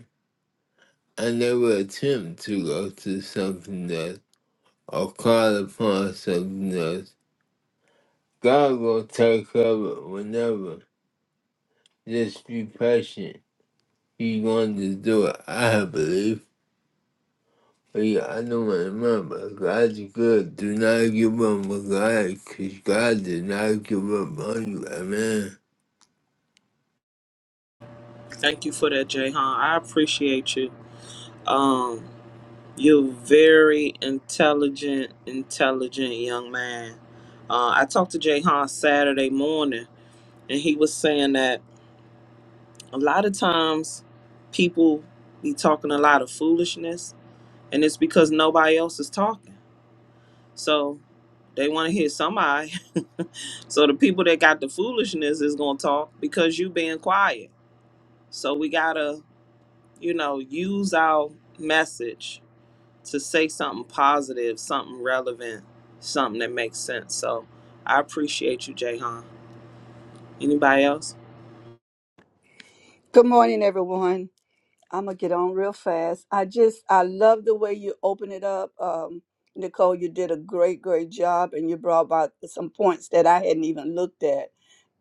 Speaker 2: I never attempt to go to something else or call upon something else. God will take care of it whenever. Just be patient. He going to do it, I believe. But yeah, I don't remember. God's good. Do not give up on God, because God did not give up on you. Amen.
Speaker 3: Thank you for that, Jayhan. I appreciate you. Um, You're very intelligent, intelligent young man. Uh, I talked to Jay Han Saturday morning, and he was saying that a lot of times people be talking a lot of foolishness, and it's because nobody else is talking. So they want to hear somebody. so the people that got the foolishness is gonna talk because you being quiet. So we gotta, you know, use our message to say something positive, something relevant, something that makes sense. So I appreciate you, Jayhan. Anybody else?
Speaker 4: Good morning, everyone. I'm gonna get on real fast. I just I love the way you open it up, um, Nicole. You did a great, great job, and you brought about some points that I hadn't even looked at.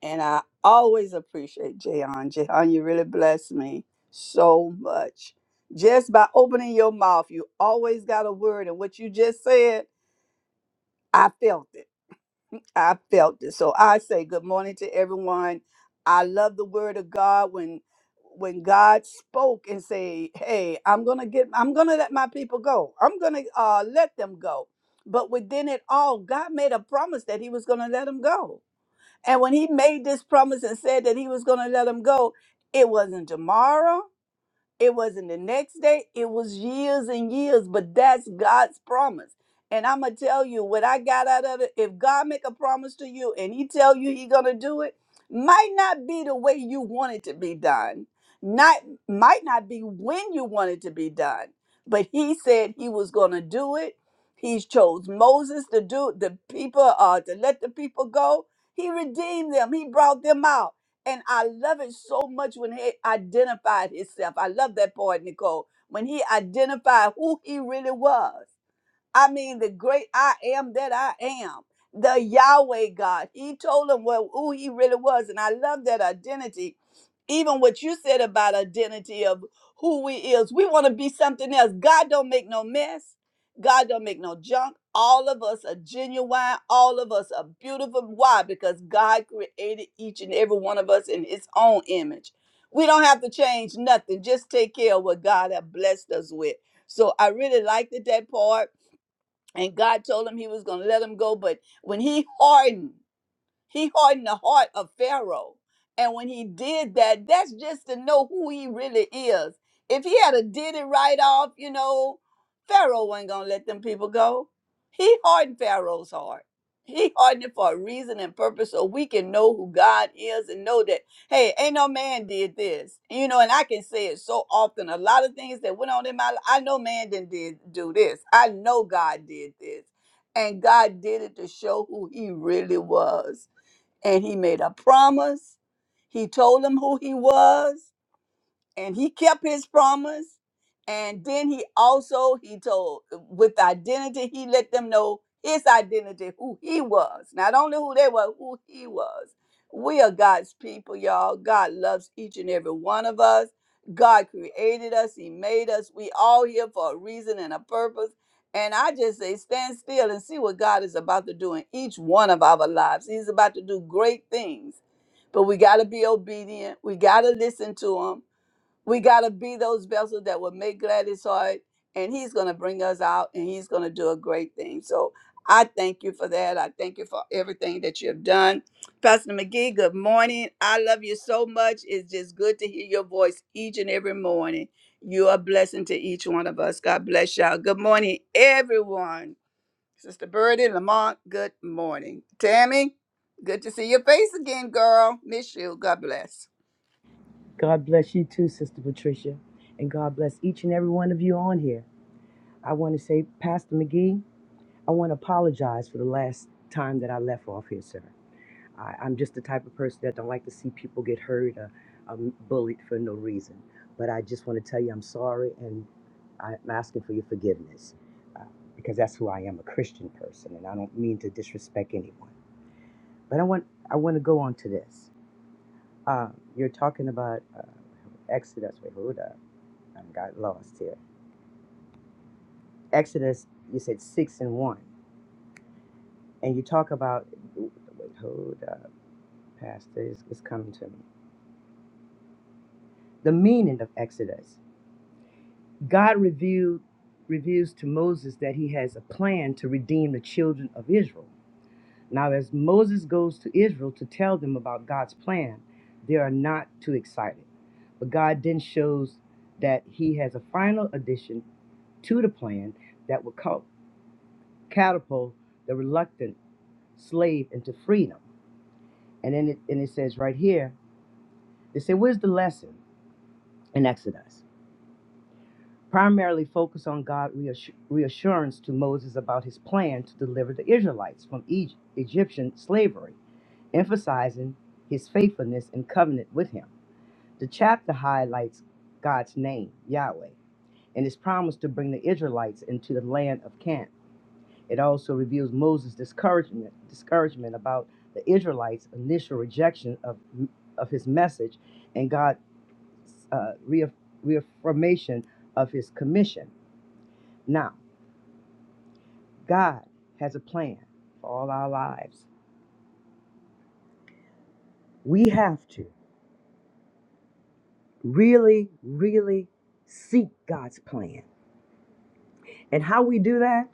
Speaker 4: And I always appreciate Jayon. Jayon, you really blessed me so much. Just by opening your mouth, you always got a word, and what you just said, I felt it. I felt it. So I say good morning to everyone. I love the word of God when when God spoke and say, "Hey, I'm going to get I'm going to let my people go. I'm going to uh let them go." But within it all, God made a promise that he was going to let them go. And when he made this promise and said that he was going to let them go, it wasn't tomorrow, it wasn't the next day, it was years and years, but that's God's promise. And I'm gonna tell you what I got out of it. If God make a promise to you and he tell you he gonna do it, might not be the way you want it to be done. Not might not be when you want it to be done. But he said he was gonna do it. He chose Moses to do the people uh to let the people go. He redeemed them. He brought them out. And I love it so much when he identified himself. I love that part, Nicole. When he identified who he really was I mean, the great I am that I am, the Yahweh God. He told him well, who he really was. And I love that identity. Even what you said about identity of who we is. We want to be something else. God don't make no mess. God don't make no junk. All of us are genuine. All of us are beautiful. Why? Because God created each and every one of us in his own image. We don't have to change nothing. Just take care of what God has blessed us with. So I really liked it, that part and God told him he was going to let him go. But when he hardened, he hardened the heart of Pharaoh. And when he did that, that's just to know who he really is. If he had a did it right off, you know, Pharaoh wasn't gonna let them people go. He hardened Pharaoh's heart. He hardened it for a reason and purpose so we can know who God is and know that, hey, ain't no man did this. You know, and I can say it so often. A lot of things that went on in my life, I know man didn't did do this. I know God did this. And God did it to show who he really was and he made a promise. He told them who he was and he kept his promise and then he also he told with identity he let them know his identity who he was not only who they were who he was we are god's people y'all god loves each and every one of us god created us he made us we all here for a reason and a purpose and i just say stand still and see what god is about to do in each one of our lives he's about to do great things but we got to be obedient we got to listen to him we got to be those vessels that will make glad his heart, and he's going to bring us out and he's going to do a great thing. So I thank you for that. I thank you for everything that you have done. Pastor McGee, good morning. I love you so much. It's just good to hear your voice each and every morning. You are a blessing to each one of us. God bless y'all. Good morning, everyone. Sister Birdie, Lamont, good morning. Tammy, good to see your face again, girl. Miss you. God bless.
Speaker 5: God bless you too, Sister Patricia. And God bless each and every one of you on here. I want to say, Pastor McGee, I want to apologize for the last time that I left off here, sir. I, I'm just the type of person that don't like to see people get hurt or um, bullied for no reason. But I just want to tell you I'm sorry and I'm asking for your forgiveness uh, because that's who I am, a Christian person, and I don't mean to disrespect anyone. But I want I want to go on to this. Uh, you're talking about uh, Exodus. Wait, hold up. I got lost here. Exodus, you said six and one, and you talk about. Wait, hold up, Pastor, it's, it's coming to me. The meaning of Exodus. God revealed reveals to Moses that he has a plan to redeem the children of Israel. Now, as Moses goes to Israel to tell them about God's plan, they are not too excited. But God then shows that he has a final addition to the plan that will cul- catapult the reluctant slave into freedom. And then it, and it says right here, they say, where's the lesson in Exodus? Primarily focus on God' reassu- reassurance to Moses about his plan to deliver the Israelites from Egypt, Egyptian slavery, emphasizing his faithfulness and covenant with him. The chapter highlights God's name, Yahweh, and his promise to bring the Israelites into the land of Canaan It also reveals Moses' discouragement, discouragement about the Israelites' initial rejection of, of his message and God's uh, reaff- reaffirmation of his commission. Now, God has a plan for all our lives. We have to really, really seek God's plan. And how we do that?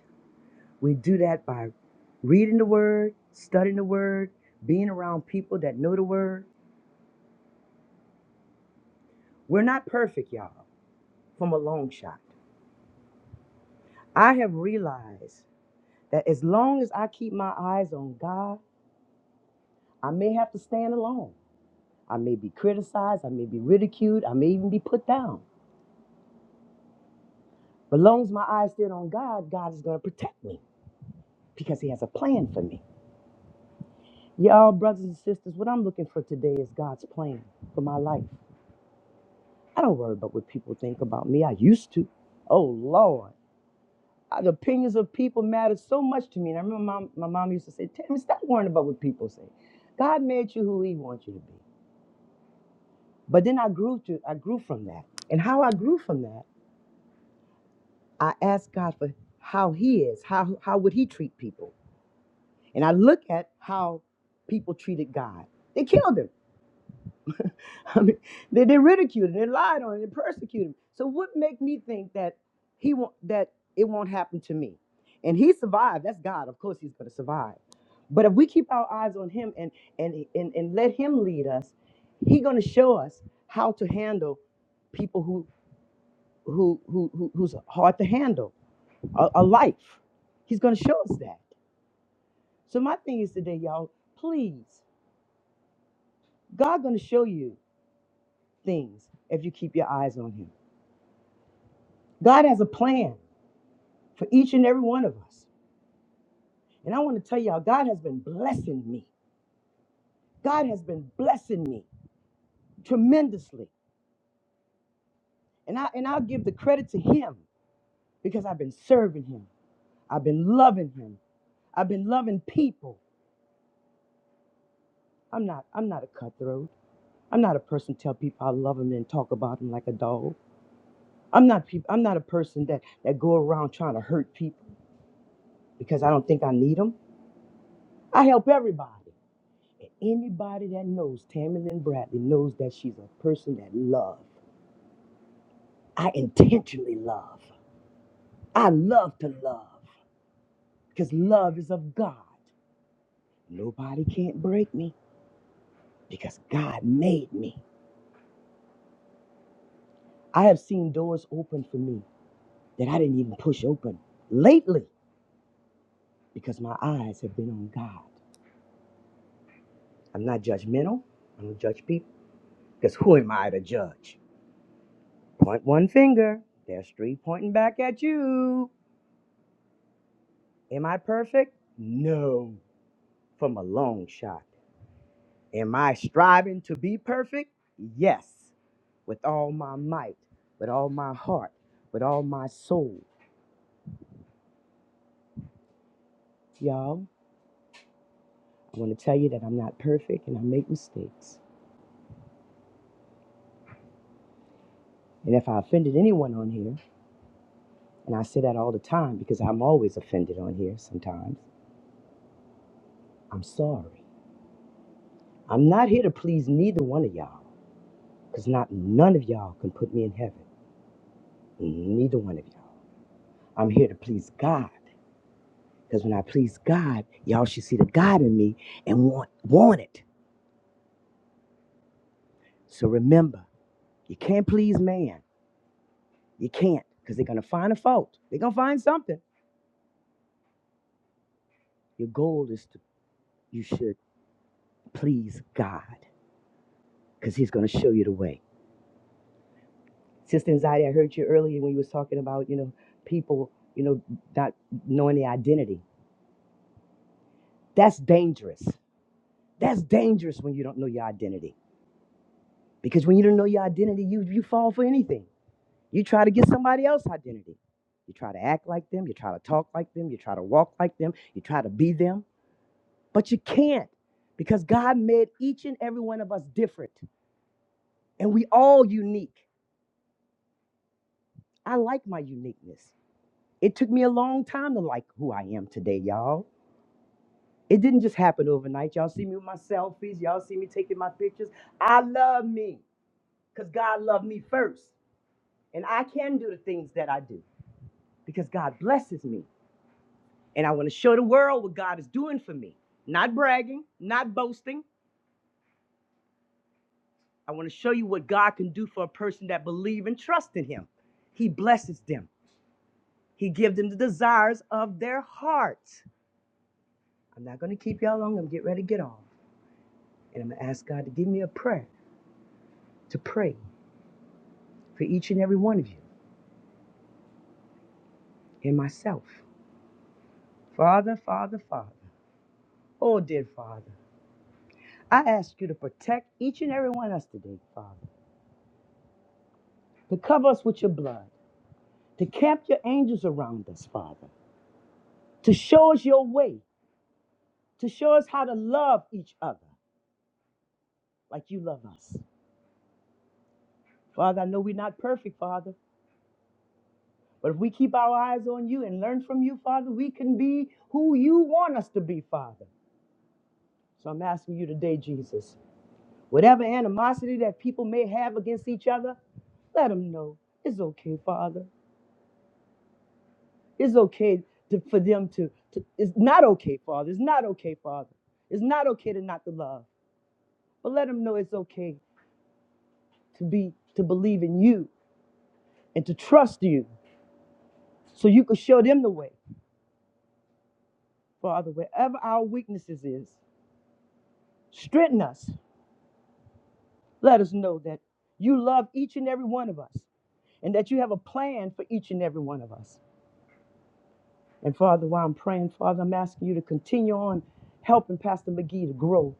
Speaker 5: We do that by reading the Word, studying the Word, being around people that know the Word. We're not perfect, y'all. from a long shot. I have realized that as long as I keep my eyes on God, I may have to stand alone. I may be criticized, I may be ridiculed, I may even be put down. But as long as my eyes stand on God, God is going to protect me because He has a plan for me. Y'all, brothers and sisters, what I'm looking for today is God's plan for my life. I don't worry about what people think about me. I used to. Oh, Lord. Uh, The opinions of people matter so much to me. And I remember mom, my mom used to say, Tammy, stop worrying about what people say. God made you who he wants you to be. But then I grew to I grew from that. And how I grew from that, I asked God for how he is, how how would he treat people? And I look at how people treated God. They killed him. I mean, they, they ridiculed him, they lied on him, they persecuted him. So what make me think that he won't that it won't happen to me? And he survived. That's God. Of course he's gonna survive. But if we keep our eyes on him and and and, and let him lead us, he's gonna show us how to handle people who who who, who who's hard to handle a, a life. He's gonna show us that. So my thing is today, y'all, please, God gonna show you things if you keep your eyes on him. God has a plan for each and every one of us. And I want to tell y'all, God has been blessing me. God has been blessing me tremendously. And I and I'll give the credit to him because I've been serving him. I've been loving him. I've been loving people. I'm not I'm not a cutthroat. I'm not a person to tell people I love them and talk about them like a dog. I'm not peop I'm not a person that that go around trying to hurt people because I don't think I need them. I help everybody. Anybody that knows Tammy Lynn Bradley knows that she's a person that love. I intentionally love. I love to love because love is of God. Nobody can't break me because God made me. I have seen doors open for me that I didn't even push open lately because my eyes have been on God. I'm not judgmental. I don't judge people because who am I to judge? Point one finger. There's three pointing back at you. Am I perfect? No. from a long shot. Am I striving to be perfect? Yes, with all my might, with all my heart, with all my soul. Y'all, I want to tell you that I'm not perfect and I make mistakes. And if I offended anyone on here, and I say that all the time because I'm always offended on here sometimes, I'm sorry. I'm not here to please neither one of y'all because not none of y'all can put me in heaven. Neither one of y'all. I'm here to please God. Because when I please God, y'all should see the God in me and want, want it. So remember, you can't please man. You can't, because they're going to find a fault. They're going to find something. Your goal is to, you should please God, because he's going to show you the way. Sister Anxiety, I heard you earlier when you was talking about, you know, people, you know, not knowing their identity. That's dangerous. That's dangerous when you don't know your identity. Because when you don't know your identity, you, you fall for anything. You try to get somebody else's identity. You try to act like them. You try to talk like them. You try to walk like them. You try to be them. But you can't because God made each and every one of us different and we all unique. I like my uniqueness. It took me a long time to like who I am today, y'all. It didn't just happen overnight. Y'all see me with my selfies. Y'all see me taking my pictures. I love me because God loved me first. And I can do the things that I do because God blesses me. And I want to show the world what God is doing for me. Not bragging, not boasting. I want to show you what God can do for a person that believes and trusts in him. He blesses them. He gives them the desires of their hearts. I'm not going to keep y'all long. I'm going to get ready to get off. And I'm going to ask God to give me a prayer to pray for each and every one of you and myself. Father, Father, Father. Oh, dear Father, I ask you to protect each and every one of us today, Father, to cover us with your blood. to camp your angels around us, Father, to show us your way, to show us how to love each other like you love us. Father, I know we're not perfect, Father, but if we keep our eyes on you and learn from you, Father, we can be who you want us to be, Father. So I'm asking you today, Jesus, whatever animosity that people may have against each other, let them know it's okay, Father. It's okay to, for them to, to, it's not okay, Father. It's not okay, Father. It's not okay to not to love. but let them know it's okay to be to believe in you and to trust you so you can show them the way father wherever our weaknesses is strengthen us let us know that you love each and every one of us and that you have a plan for each and every one of us and father while i'm praying father i'm asking you to continue on helping pastor mcgee to grow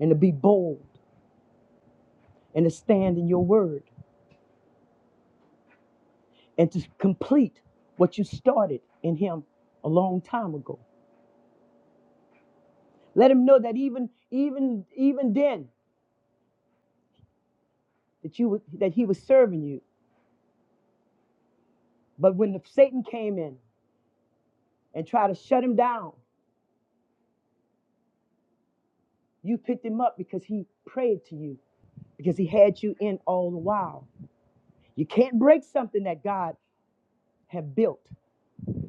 Speaker 5: and to be bold and to stand in your word and to complete what you started in him a long time ago Let him know that even even even then that you was- that he was serving you. But when the Satan came in and tried to shut him down, you picked him up because he prayed to you because he had you in all the while. You can't break something that God have built.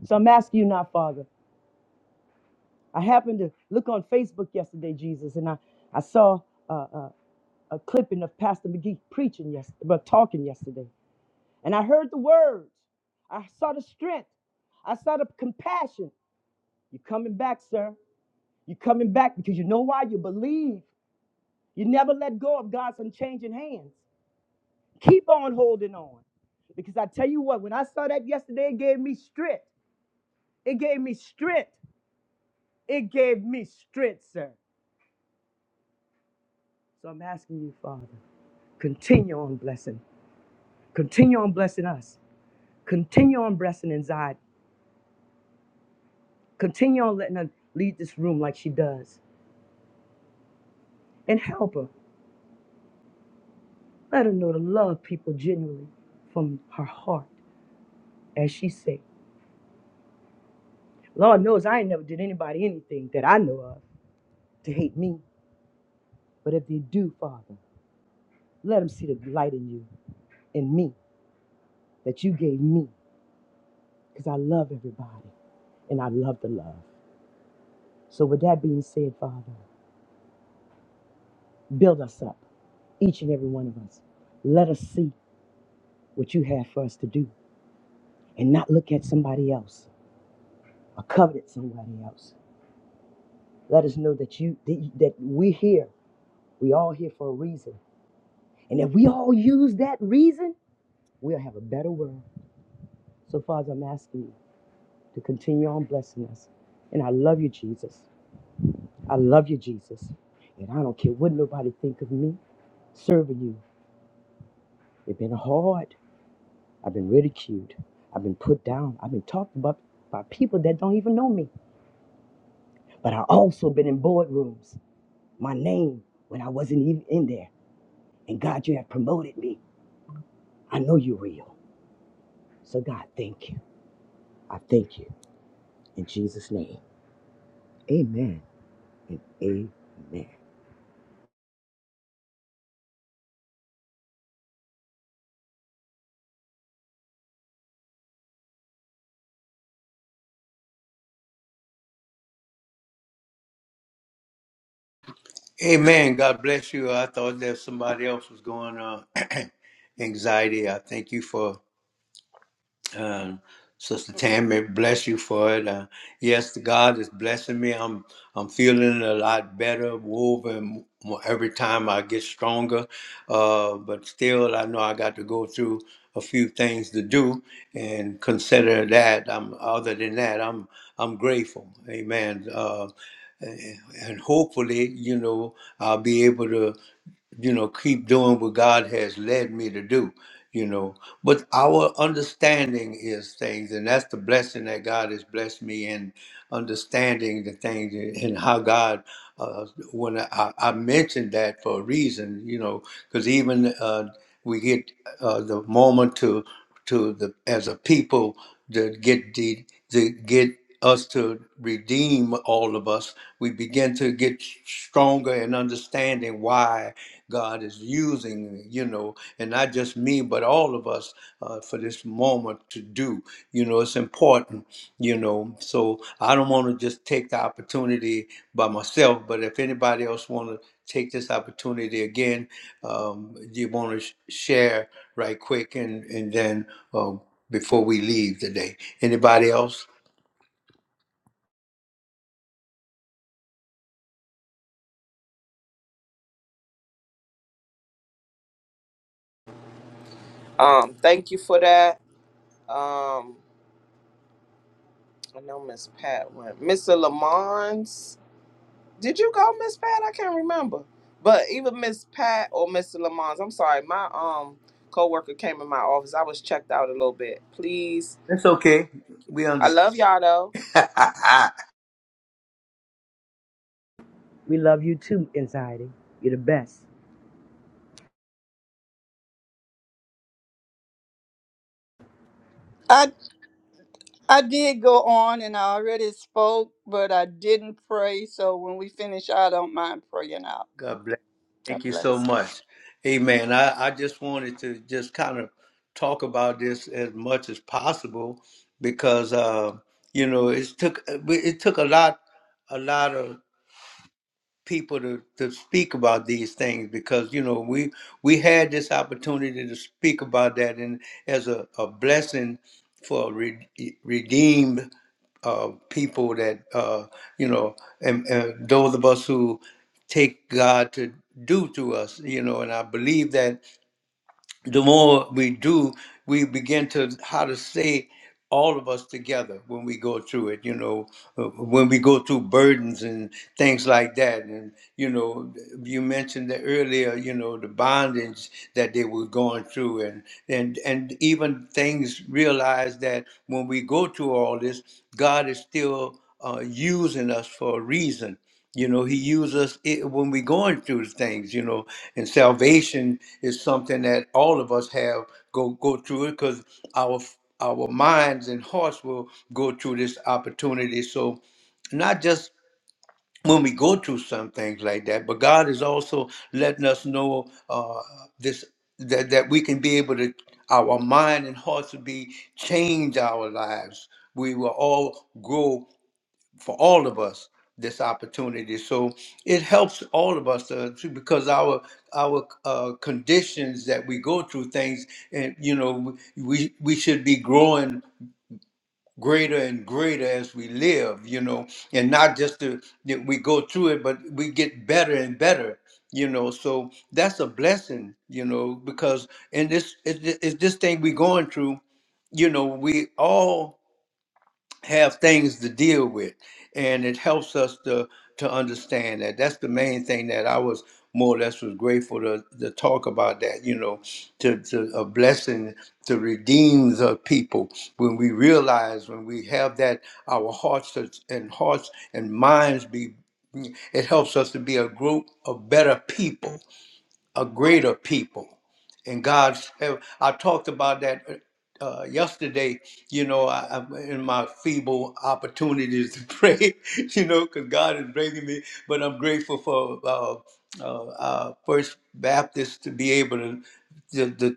Speaker 5: So I'm asking you now, Father. I happened to look on Facebook yesterday, Jesus, and I I saw a, a, a clipping of Pastor McGee preaching yesterday, but talking yesterday, and I heard the words. I saw the strength. I saw the compassion. You're coming back, sir. You're coming back because you know why? You believe. You never let go of God's unchanging hands. Keep on holding on. Because I tell you what, when I saw that yesterday, it gave me strength. It gave me strength. It gave me strength, sir. So I'm asking you, Father, continue on blessing. Continue on blessing us. Continue on blessing inside. Continue on letting her lead this room like she does. And help her. Let her know to love people genuinely from her heart, as she said. Lord knows I ain't never did anybody anything that I know of to hate me. But if they do, Father, let them see the light in you, in me, that you gave me, because I love everybody and I love the love. So, with that being said, Father, build us up, each and every one of us. Let us see what you have for us to do and not look at somebody else or covet somebody else. Let us know that you that that we're here. We all here for a reason. And if we all use that reason, we'll have a better world. So, Father, I'm asking you to continue on blessing us. And I love you, Jesus. I love you, Jesus. And I don't care what nobody think of me serving you. It's been hard. I've been ridiculed. I've been put down. I've been talked about by people that don't even know me. But I also been in boardrooms. My name when I wasn't even in there. And God, you have promoted me. I know you're real. So God, thank you. I thank you. In Jesus' name. Amen and amen.
Speaker 1: you. Amen. God bless you. I thought that somebody else was going on anxiety. I thank you for Uh, Sister Tammy, bless you for it. Uh, yes, God is blessing me. I'm I'm feeling a lot better, woven every time I get stronger. Uh, but still, I know I got to go through a few things to do, and consider that. I'm other than that, I'm I'm grateful. Amen. Uh, and hopefully, you know, I'll be able to you know, keep doing what God has led me to do, you know. But our understanding is things, and that's the blessing that God has blessed me in understanding the things and and how God. Uh, when I, I mentioned that for a reason, you know, because even uh, we get uh, the moment to to the as a people to get the to get us to redeem all of us we begin to get stronger in understanding why god is using you know and not just me but all of us uh, for this moment to do you know it's important you know so i don't want to just take the opportunity by myself but if anybody else want to take this opportunity again um, you want to sh- share right quick and and then um, before we leave today. Anybody else?
Speaker 3: Um, thank you for that. Um, I know Miss Pat went. Mr. Lamons, did you go, Miss Pat? I can't remember. But either Miss Pat or Mr. Lamons, I'm sorry, my um coworker came in my office. I was checked out a little bit. Please,
Speaker 1: That's okay. We
Speaker 3: I
Speaker 1: understand.
Speaker 3: love y'all though.
Speaker 5: We love you too, anxiety. You're the best.
Speaker 4: I I did go on and I already spoke, but I didn't pray. So when we finish, I don't mind praying out.
Speaker 1: God bless.
Speaker 4: God
Speaker 1: Thank you so
Speaker 4: bless.
Speaker 1: much. Amen. I, I just wanted to just kind of talk about this as much as possible because uh, you know it took it took a lot a lot of people to, to speak about these things because you know we we had this opportunity to speak about that and as a, a blessing for re- redeemed uh, people that uh, you know and, and those of us who take God to do to us you know and I believe that the more we do, we begin to how to say all of us together when we go through it. You know, uh, when we go through burdens and things like that. And you know, you mentioned that earlier. You know, the bondage that they were going through, and and and even things realize that when we go through all this, God is still uh, using us for a reason you know, he uses us i- when we're going through things, you know, and salvation is something that all of us have go go through it because our f- our minds and hearts will go through this opportunity. So not just when we go through some things like that, but God is also letting us know uh, this that, that we can be able to our mind and hearts will be change our lives. We will all grow for all of us this opportunity. So it helps all of us uh, too, because our our uh, conditions that we go through things, and you know, we we should be growing greater and greater as we live, you know, and not just to, that we go through it, but we get better and better. You know, so that's a blessing, you know, because in this, it, it's this thing we're going through, you know, we all have things to deal with and it helps us to to understand that that's the main thing that i was more or less was grateful to, to talk about that you know to, to a blessing to redeem the people when we realize when we have that our hearts is- and hearts and minds be it helps us to be a group of better people a greater people and God's. heaven. I talked about that uh, uh, yesterday. You know, I, i in my feeble opportunities to pray. You know, because God is bringing me. But I'm grateful for uh, uh, uh, First Baptist to be able to to, to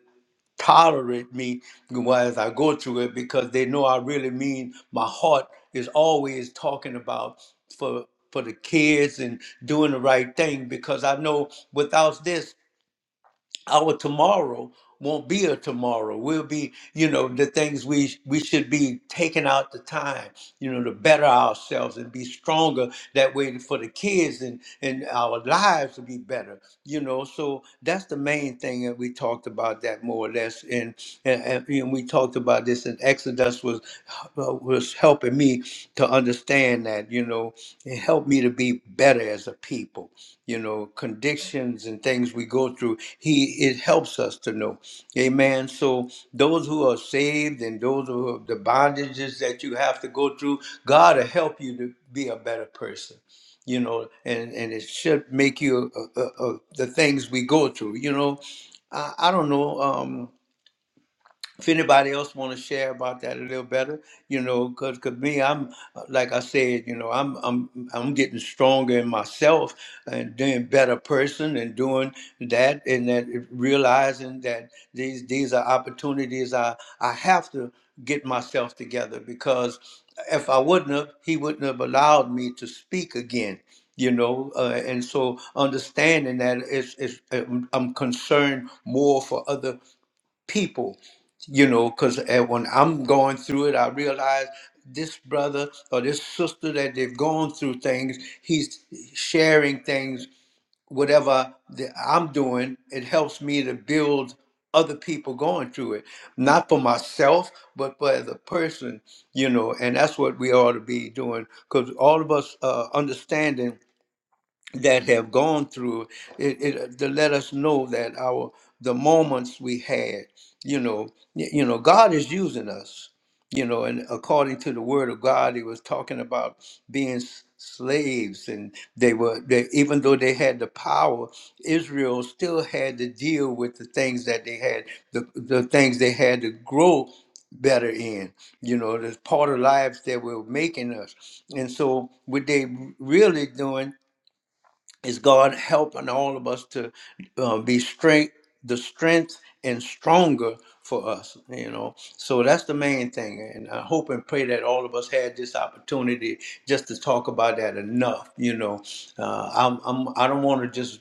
Speaker 1: tolerate me while as I go through it because they know I really mean. My heart is always talking about for for the kids and doing the right thing because I know without this our tomorrow won't be a tomorrow. We'll be, you know, the things we we should be taking out the time, you know, to better ourselves and be stronger that way for the kids and and our lives to be better, you know. So that's the main thing that we talked about that more or less, and and, and and we talked about this. And Exodus was uh, was helping me to understand that, you know, it helped me to be better as a people you know, conditions and things we go through. He it helps us to know. Amen. So those who are saved and those who have the bondages that you have to go through, God will help you to be a better person. You know, and and it should make you uh, uh, uh, the things we go through. You know, I, I don't know. Um, if anybody else want to share about that a little better, you know, because cause 'cause me, I'm uh, like I said, you know, I'm I'm I'm getting stronger in myself and doing better person and doing that and that realizing that these these are opportunities I I have to get myself together because if I wouldn't have, he wouldn't have allowed me to speak again. You know, uh, and so understanding that it's, it's, I'm I'm concerned more for other people you know because when i'm going through it i realize this brother or this sister that they've gone through things he's sharing things whatever that i'm doing it helps me to build other people going through it not for myself but for the person you know and that's what we ought to be doing because all of us uh, understanding that have gone through it, it uh, to let us know that our the moments we had you know y- you know god is using us you know and according to the word of god he was talking about being s- slaves and they were they even though they had the power israel still had to deal with the things that they had the, the things they had to grow better in you know there's part of lives that were making us and so what they really doing is God helping all of us to uh, be strength, the strength and stronger for us, you know. So that's the main thing, and I hope and pray that all of us had this opportunity just to talk about that enough, you know. Uh, I'm, I'm I don't want to just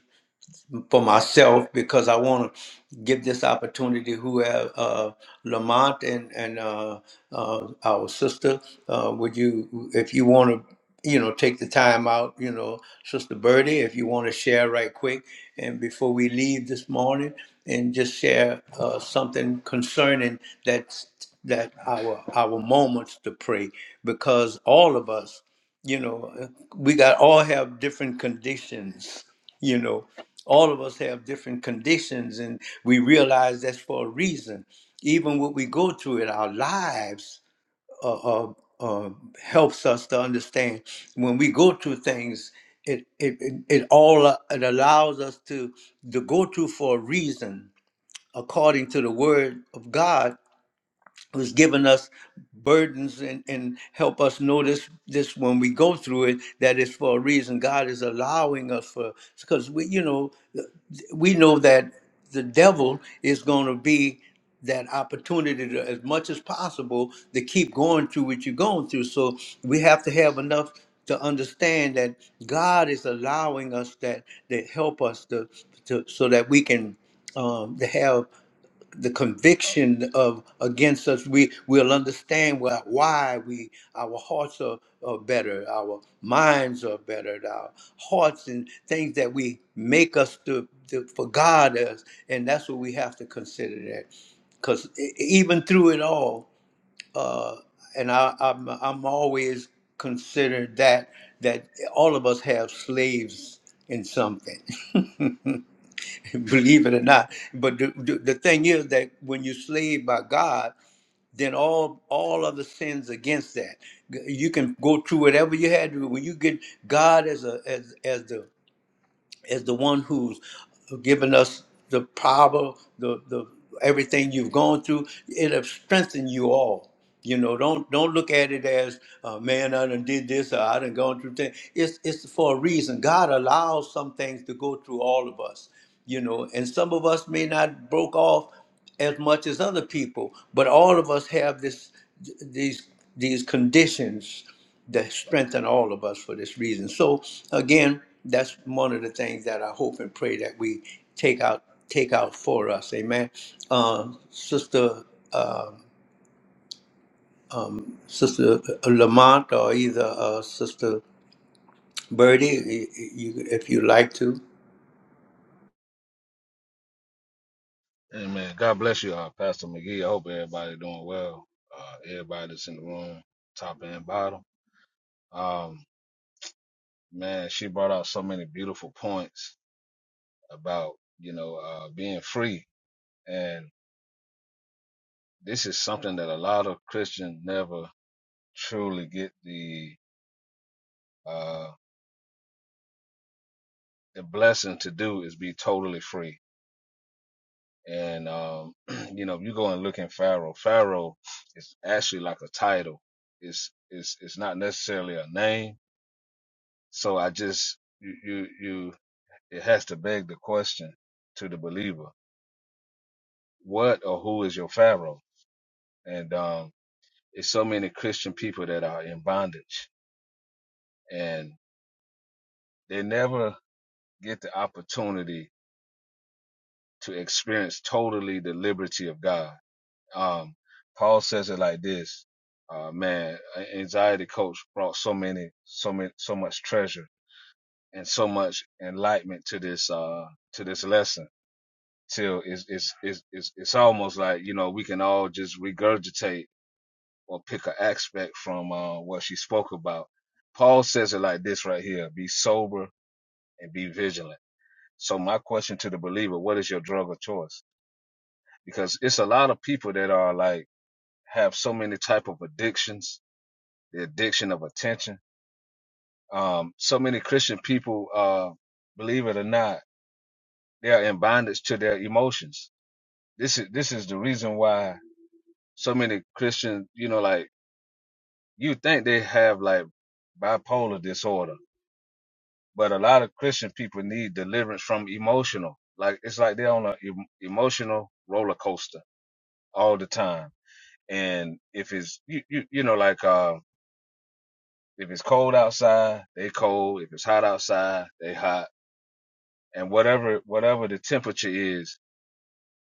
Speaker 1: um, for myself because I want to give this opportunity who have uh, Lamont and and uh, uh, our sister. Uh, would you, if you want to, you know, take the time out, you know, Sister Birdie, if you want to share right quick and before we leave this morning, and just share uh, something concerning that that our our moments to pray because all of us, you know, we got all have different conditions you know all of us have different conditions and we realize that's for a reason even what we go through in our lives uh, uh, uh, helps us to understand when we go through things it it, it, it all uh, it allows us to to go through for a reason according to the word of god who's given us burdens and, and help us notice this when we go through it that it's for a reason god is allowing us for because we you know we know that the devil is going to be that opportunity to, as much as possible to keep going through what you're going through so we have to have enough to understand that god is allowing us that that help us to, to so that we can um, to have the conviction of against us we will understand why, why we our hearts are, are better our minds are better our hearts and things that we make us to, to for god us and that's what we have to consider that because even through it all uh and I, I'm, I'm always considered that that all of us have slaves in something believe it or not. But the, the, the thing is that when you're slaved by God, then all all other sins against that. You can go through whatever you had to. When you get God as a as as the is the one who's given us the power, the the everything you've gone through. It'll strengthen you all. You know, don't don't look at it as, uh, man, I done did this or I done gone through things. It's it's for a reason. God allows some things to go through all of us. You know, and some of us may not broke off as much as other people, but all of us have this these these conditions that strengthen all of us for this reason. So again, that's one of the things that I hope and pray that we take out take out for us. Amen. Uh, Sister uh, Sister Lamont or either uh, Sister Birdie, you, you, if you like to.
Speaker 6: Amen. God bless you, uh, Pastor McGee. I hope everybody doing well. Uh, everybody that's in the room, top and bottom. Um, man, she brought out so many beautiful points about you know uh, being free, and this is something that a lot of Christians never truly get the uh, the blessing to do is be totally free. And um, you know, if you go and look in Pharaoh. Pharaoh is actually like a title. It's it's it's not necessarily a name So I just you you, you it has to beg the question to the believer, what or who is your Pharaoh? And um it's so many Christian people that are in bondage and they never get the opportunity to experience totally the liberty of God. Um Paul says it like this. Uh man, anxiety coach brought so many so many so much treasure and so much enlightenment to this uh to this lesson till it's it's it's it's, it's almost like you know we can all just regurgitate or pick an aspect from uh, what she spoke about. Paul says it like this right here: be sober and be vigilant. So my question to the believer: what is your drug of choice? Because it's a lot of people that are like have so many type of addictions, the addiction of attention. Um, so many Christian people, uh, believe it or not, they are in bondage to their emotions. This is this is the reason why so many Christians, you know, like you think they have like bipolar disorder, but a lot of Christian people need deliverance from emotional. Like it's like they're on an em- emotional roller coaster all the time. And if it's you, you, you know, like uh, if it's cold outside, they cold. If it's hot outside, they hot. And whatever whatever the temperature is,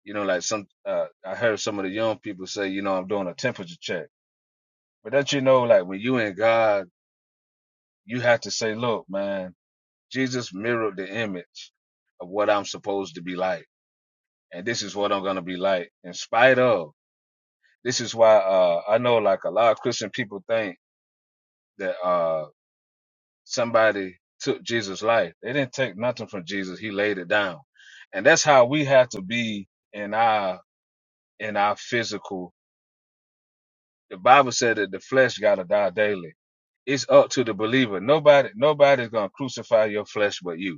Speaker 6: you know, like some uh, I heard some of the young people say, you know, I'm doing a temperature check. But that you know, like when you in God you have to say, look, man, Jesus mirrored the image of what I'm supposed to be like. And this is what I'm going to be like in spite of. This is why, uh, I know like a lot of Christian people think that, uh, somebody took Jesus' life. They didn't take nothing from Jesus. He laid it down. And that's how we have to be in our, in our physical. The Bible said that the flesh got to die daily. It's up to the believer. Nobody, nobody's going to crucify your flesh but you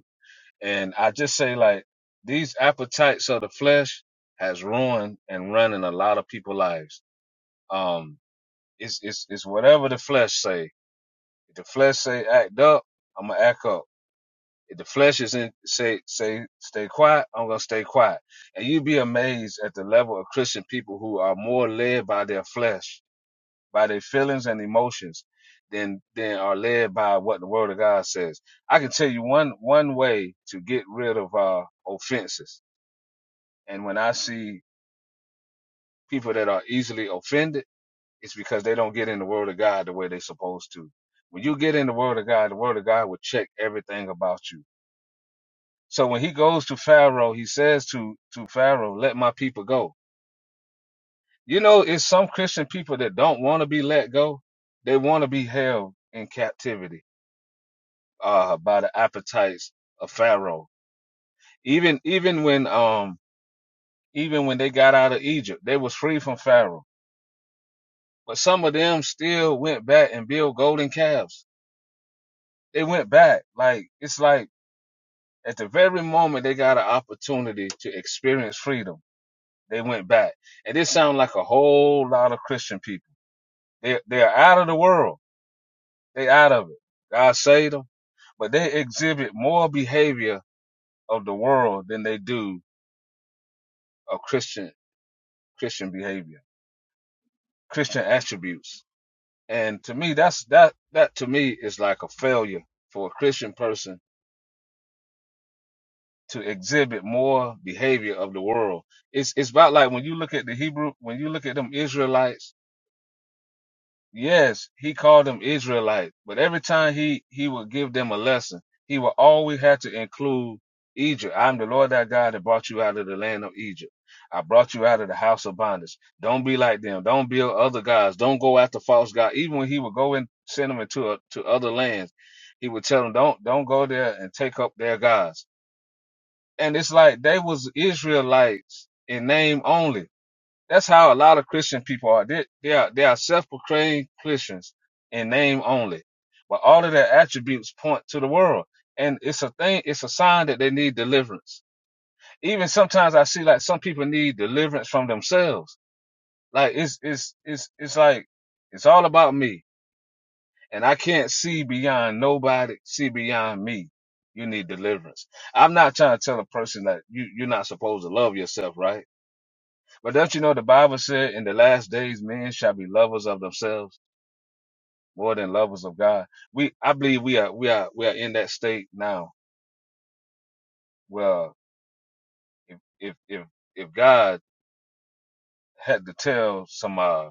Speaker 6: And I just say like these appetites of the flesh has ruined and run in a lot of people's lives. Um, it's it's it's whatever the flesh say. If the flesh say act up, I'ma act up. If the flesh is in say say stay quiet, I'm gonna stay quiet. And you'd be amazed at the level of Christian people who are more led by their flesh, by their feelings and emotions, than than are led by what the Word of God says. I can tell you one one way to get rid of uh offenses And when I see people that are easily offended, it's because they don't get in the Word of God the way they're supposed to. When you get in the Word of God, the Word of God will check everything about you. So when he goes to Pharaoh, he says to, to Pharaoh, let my people go. You know, it's some Christian people that don't want to be let go. They want to be held in captivity, uh, by the appetites of Pharaoh. Even, even when, um, even when they got out of Egypt, they was free from Pharaoh but some of them still went back and built golden calves. They went back. Like, it's like at the very moment they got an opportunity to experience freedom, they went back. And this sounds like a whole lot of Christian people. They, they're out of the world. They out of it. God saved them, but they exhibit more behavior of the world than they do of Christian, Christian behavior, Christian attributes. And to me, that's, that, that to me is like a failure for a Christian person to exhibit more behavior of the world. It's it's about like when you look at the Hebrew, when you look at them Israelites. Yes, he called them Israelites, but every time he he would give them a lesson, he would always have to include Egypt. I'm the Lord thy God that brought you out of the land of Egypt. I brought you out of the house of bondage. Don't be like them. Don't build other gods. Don't go after false gods. Even when he would go and send them into a, to other lands, he would tell them, don't don't go there and take up their gods and it's like they was Israelites in name only. That's how a lot of Christian people are. They, they are they are self-proclaimed Christians in name only, but all of their attributes point to the world, and it's a thing. It's a sign that they need deliverance. Even sometimes I see like some people need deliverance from themselves. Like it's it's it's it's like it's all about me and I can't see beyond nobody, see beyond me. You need deliverance. I'm not trying to tell a person that you, you're not supposed to love yourself, right? But don't you know the Bible said in the last days men shall be lovers of themselves more than lovers of God. We I believe we are we are we are in that state now where if if if if God had to tell some uh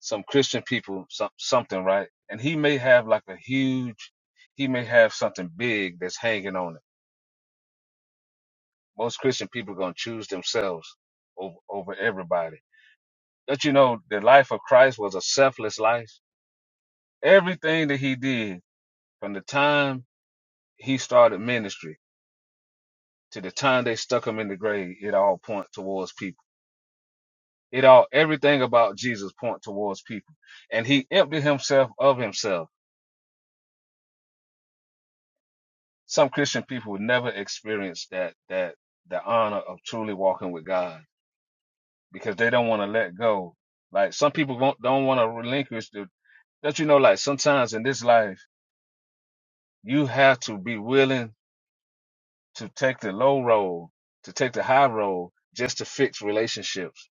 Speaker 6: some Christian people some, something, right? And he may have like a huge he may have something big that's hanging on him Most Christian people are going to choose themselves over, over everybody. Don't you know the life of Christ was a selfless life? Everything that he did from the time he started ministry to the time they stuck him in the grave, it all points towards people. It all, everything about Jesus point towards people. And he emptied himself of himself. Some Christian people would never experience that, that, the honor of truly walking with God because they don't want to let go. Like some people won't- don't want to relinquish the That you know, like sometimes in this life, you have to be willing to take the low road, to take the high road, just to fix relationships.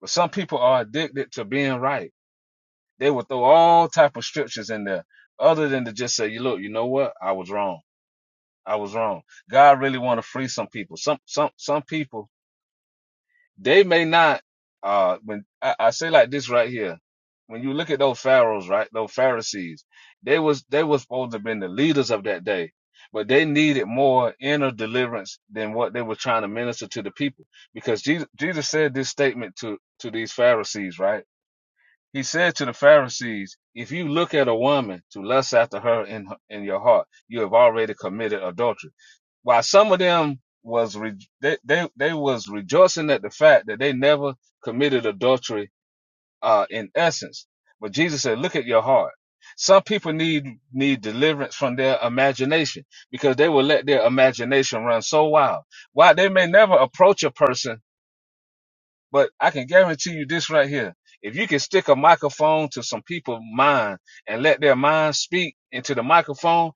Speaker 6: But some people are addicted to being right. They will throw all type of scriptures in there, other than to just say, "You look, you know what? I was wrong. I was wrong." God really want to free some people. Some some some people They may not. Uh, when I, I say like this right here, when you look at those pharaohs, right, those Pharisees, they was they was supposed to have been the leaders of that day, but they needed more inner deliverance than what they were trying to minister to the people, because Jesus, Jesus said this statement to to these Pharisees, right? He said to the Pharisees, "If you look at a woman to lust after her in in your heart, you have already committed adultery." while some of them was re- they, they they was rejoicing at the fact that they never committed adultery uh in essence but jesus said look at your heart some people need need deliverance from their imagination because they will let their imagination run so wild why they may never approach a person but i can guarantee you this right here if you can stick a microphone to some people's mind and let their mind speak into the microphone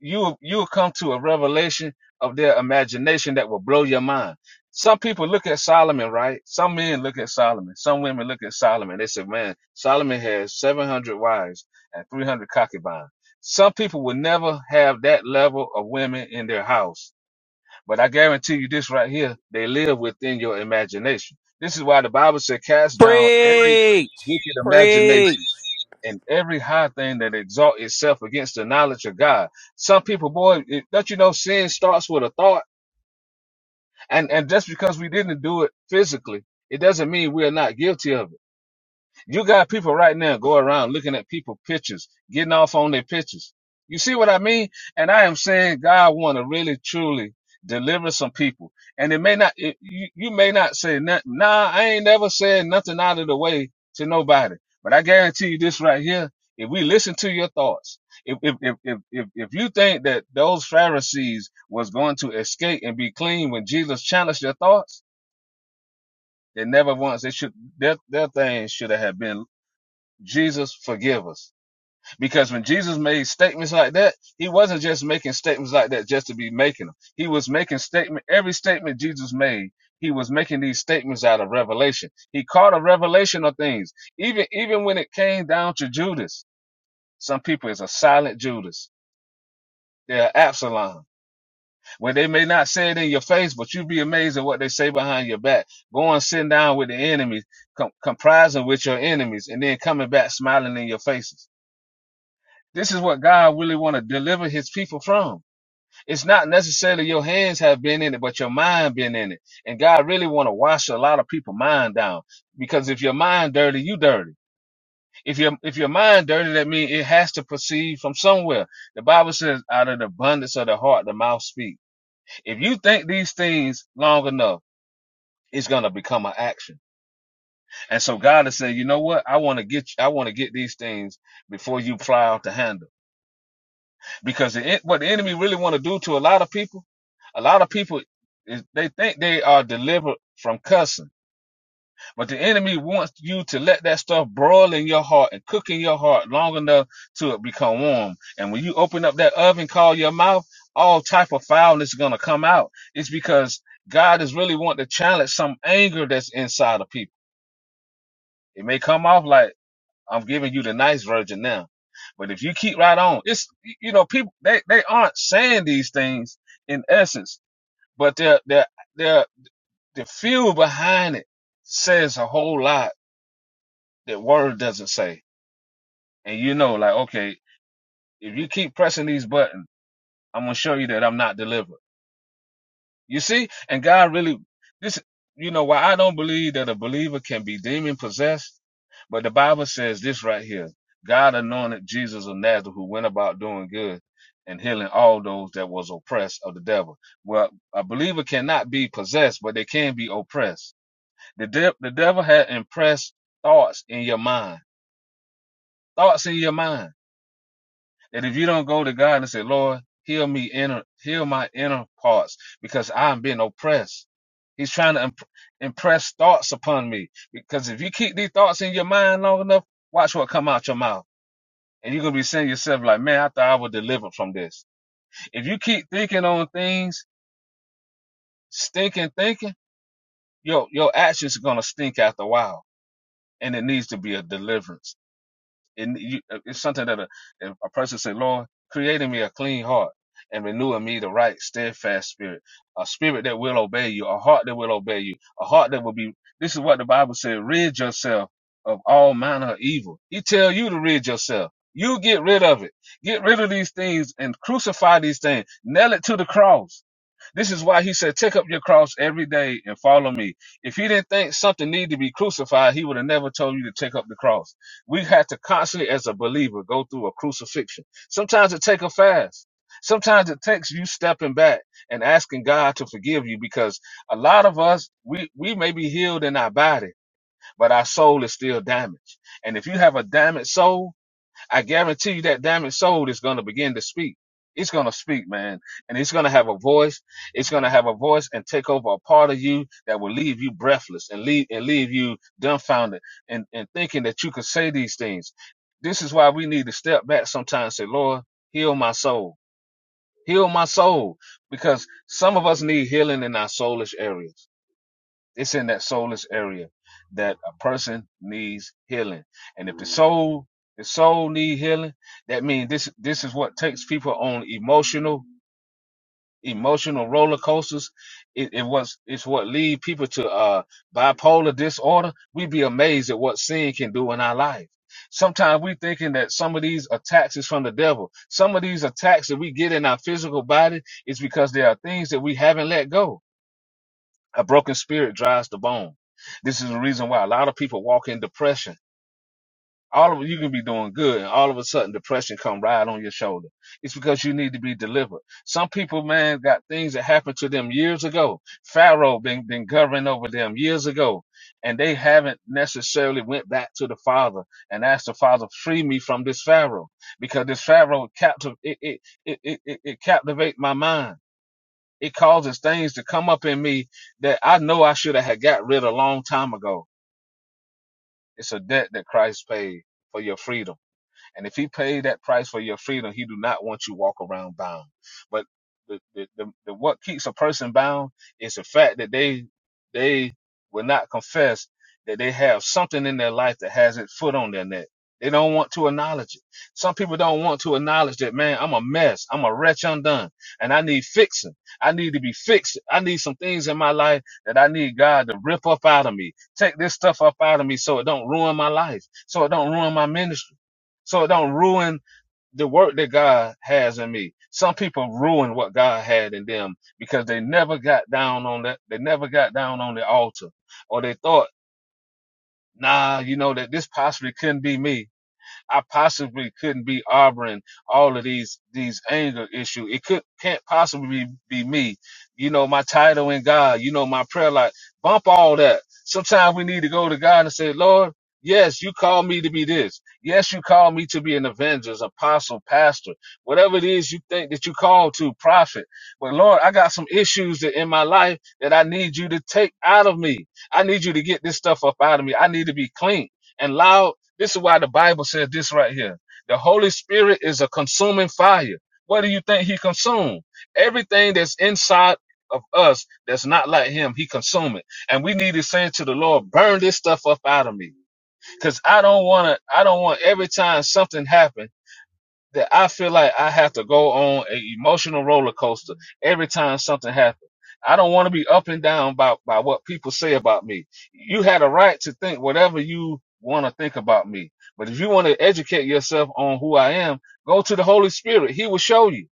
Speaker 6: you you will come to a revelation of their imagination that will blow your mind. Some people look at Solomon, right? Some men look at Solomon. Some women look at Solomon. They say, "Man, Solomon has 700 wives and 300 concubines." Some people will never have that level of women in their house. But I guarantee you this right here, they live within your imagination. This is why the Bible said, "Cast down every
Speaker 3: Preach,
Speaker 6: wicked imagination."
Speaker 3: preach.
Speaker 6: and every high thing that exalt itself against the knowledge of God. Some people, boy, it, don't you know sin starts with a thought? And and just because we didn't do it physically, it doesn't mean we are not guilty of it. You got people right now go around looking at people pictures, getting off on their pictures. You see what I mean? And I am saying God want to really truly deliver some people. And it may not, it, you, you may not say nothing. Nah, I ain't never said nothing out of the way to nobody. But I guarantee you this right here. If we listen to your thoughts, if, if, if, if, if if you think that those Pharisees was going to escape and be clean when Jesus challenged their thoughts, they never once, they should, their, their things should have been Jesus, forgive us. Because when Jesus made statements like that, he wasn't just making statements like that just to be making them. He was making statement, every statement Jesus made, he was making these statements out of revelation. He caught a revelation of things. Even, even when it came down to Judas, some people is a silent Judas. They're Absalom, where they may not say it in your face, but you'd be amazed at what they say behind your back. Going sitting down with the enemies, com- comprising with your enemies, and then coming back smiling in your faces. This is what God really want to deliver his people from. It's not necessarily your hands have been in it, but your mind been in it. And God really want to wash a lot of people' mind down. Because if your mind dirty, you dirty. If your if your mind dirty, that means it has to proceed from somewhere. The Bible says, out of the abundance of the heart, the mouth speak. If you think these things long enough, it's gonna become an action. And so God is saying, you know what? I want to get you, I want to get these things before you fly off the handle. because the, what the enemy really want to do to a lot of people, a lot of people is they think they are delivered from cussing, but the enemy wants you to let that stuff broil in your heart and cook in your heart long enough to it become warm. And when you open up that oven, call your mouth, all type of foulness is gonna come out. It's because God is really wanting to challenge some anger that's inside of people. It may come off like I'm giving you the nice version now. But if you keep right on, it's you know people they, they aren't saying these things in essence, but their their their the feel behind it says a whole lot that word doesn't say. And you know, like okay, if you keep pressing these buttons, I'm gonna show you that I'm not delivering. You see? And God really, this, you know, why I don't believe that a believer can be demon possessed, but the Bible says this right here. God anointed Jesus of Nazareth who went about doing good and healing all those that was oppressed of the devil. Well, a believer cannot be possessed, but they can be oppressed. The, de- the devil had impressed thoughts in your mind, thoughts in your mind. That if you don't go to God and say, Lord, heal me inner, heal my inner parts because I'm being oppressed. He's trying to imp- impress thoughts upon me because if you keep these thoughts in your mind long enough, watch what come out your mouth. And you're going to be saying to yourself like, man, I thought I was delivered from this. If you keep thinking on things, stinking thinking, your, your actions are going to stink after a while and it needs to be a deliverance. It, you, uh, it's something that a, if a person say, Lord, create in me a clean heart and renew in me the right, steadfast spirit, a spirit that will obey you, a heart that will obey you, a heart that will be. This is what the Bible said: rid yourself of all manner of evil. He tell you to rid yourself. You get rid of it. Get rid of these things and crucify these things. Nail it to the cross this is why he said, Take up your cross every day and follow me. If he didn't think something needed to be crucified, he would have never told you to take up the cross. We had to constantly, as a believer, go through a crucifixion. Sometimes it takes a fast. Sometimes it takes you stepping back and asking God to forgive you because a lot of us, we, we may be healed in our body, but our soul is still damaged. And if you have a damaged soul, I guarantee you that damaged soul is going to begin to speak. It's going to speak, man. And it's going to have a voice. It's going to have a voice and take over a part of you that will leave you breathless and leave, and leave you dumbfounded and, and thinking that you could say these things. This is why we need to step back sometimes and say, Lord, heal my soul. Heal my soul. Because some of us need healing in our soulish areas it's in that soulless area that a person needs healing. And if the soul, the soul need healing, that means this, this is what takes people on emotional, emotional roller coasters. It, it was, it's what lead people to, uh, bipolar disorder. We'd be amazed at what sin can do in our life. Sometimes we thinking that some of these attacks is from the devil. Some of these attacks that we get in our physical body is because there are things that we haven't let go a broken spirit dries the bone. This is the reason why a lot of people walk in depression. All of you can be doing good, and all of a sudden depression come right on your shoulder. It's because you need to be delivered. Some people, man, got things that happened to them years ago. Pharaoh been been governing over them years ago, and they haven't necessarily went back to the Father and asked the Father, "Free me from this Pharaoh," because this Pharaoh captive it it it it, it, it captivate my mind. It causes things to come up in me that I know I should have had got rid of a long time ago. It's a debt that Christ paid for your freedom. And if he paid that price for your freedom, he do not want you walk around bound. But the, the, the, the what keeps a person bound is the fact that they they will not confess that they have something in their life that has its foot on their neck. They don't want to acknowledge it. Some people don't want to acknowledge that, man, I'm a mess. I'm a wretch undone and I need fixing. I need to be fixed. I need some things in my life that I need God to rip up out of me. Take this stuff up out of me so it don't ruin my life, so it don't ruin my ministry so it don't ruin the work that God has in me. Some people ruin what God had in them because they never got down on that. They never got down on the altar or they thought, nah, you know, that this possibly couldn't be me. I possibly couldn't be harboring all of these these anger issues. It could can't possibly be, be me. You know, my title in God, you know, my prayer life. Bump all that. Sometimes we need to go to God and say, Lord, yes, you call me to be this. Yes, you call me to be an evangelist, apostle, pastor, whatever it is you think that you call to, prophet. But Lord, I got some issues that in my life that I need you to take out of me. I need you to get this stuff up out of me. I need to be clean and loud this is why the Bible says this right here. The Holy Spirit is a consuming fire. What do you think he consumed? Everything that's inside of us that's not like him, he consumed it. And we need to say to the Lord, burn this stuff up out of me. Cause I don't want to, I don't want every time something happens that I feel like I have to go on an emotional roller coaster every time something happens. I don't want to be up and down by, by what people say about me. You had a right to think whatever you want to think about me. But if you want to educate yourself on who I am, go to the Holy Spirit. He will show you.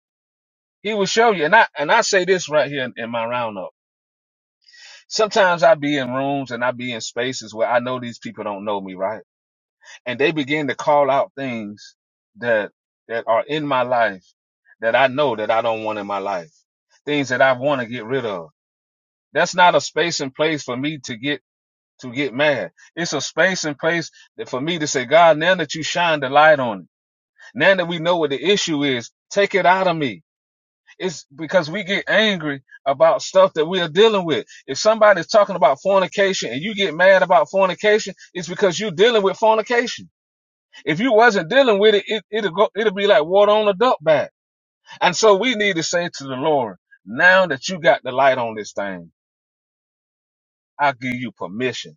Speaker 6: He will show you. And I, and I say this right here in, in my roundup. Sometimes I be in rooms and I be in spaces where I know these people don't know me, right? and they begin to call out things that that are in my life that I know that I don't want in my life. Things that I want to get rid of. That's not a space and place for me to get to get mad. It's a space and place that for me to say, God, now that you shine the light on it, now that we know what the issue is, take it out of me. It's because we get angry about stuff that we are dealing with. If somebody's talking about fornication and you get mad about fornication, it's because you're dealing with fornication if you wasn't dealing with it, it it'll go, it'll be like water on a duck bag. And so we need to say to the Lord, now that you got the light on this thing, I give you permission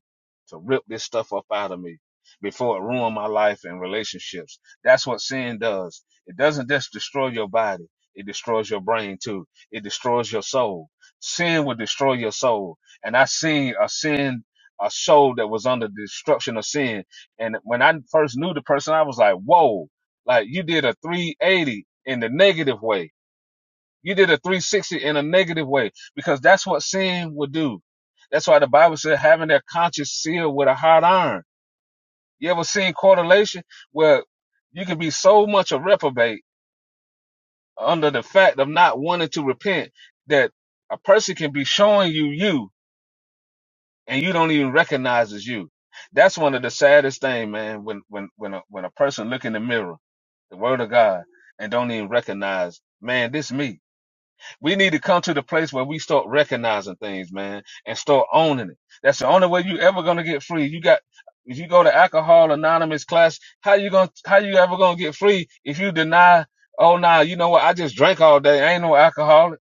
Speaker 6: to rip this stuff up out of me before it ruin my life and relationships. That's what sin does. It doesn't just destroy your body. It destroys your brain too. It destroys your soul. Sin will destroy your soul. And I seen a sin, a soul that was under destruction of sin. And when I first knew the person, I was like, whoa, like you did a 380 in the negative way you did a 360 in a negative way because that's what sin would do. That's why the Bible said having their conscience sealed with a hot iron. You ever seen correlation where you can be so much a reprobate under the fact of not wanting to repent that a person can be showing you you and you don't even recognize as you. That's one of the saddest thing, man. When when when a, when a person look in the mirror, the Word of God, and don't even recognize, man, this me We need to come to the place where we start recognizing things, man, and start owning it. That's the only way you ever gonna get free. You got if you go to alcohol anonymous class, how you gonna how you ever gonna get free if you deny, oh nah, you know what, I just drank all day. I ain't no alcoholic.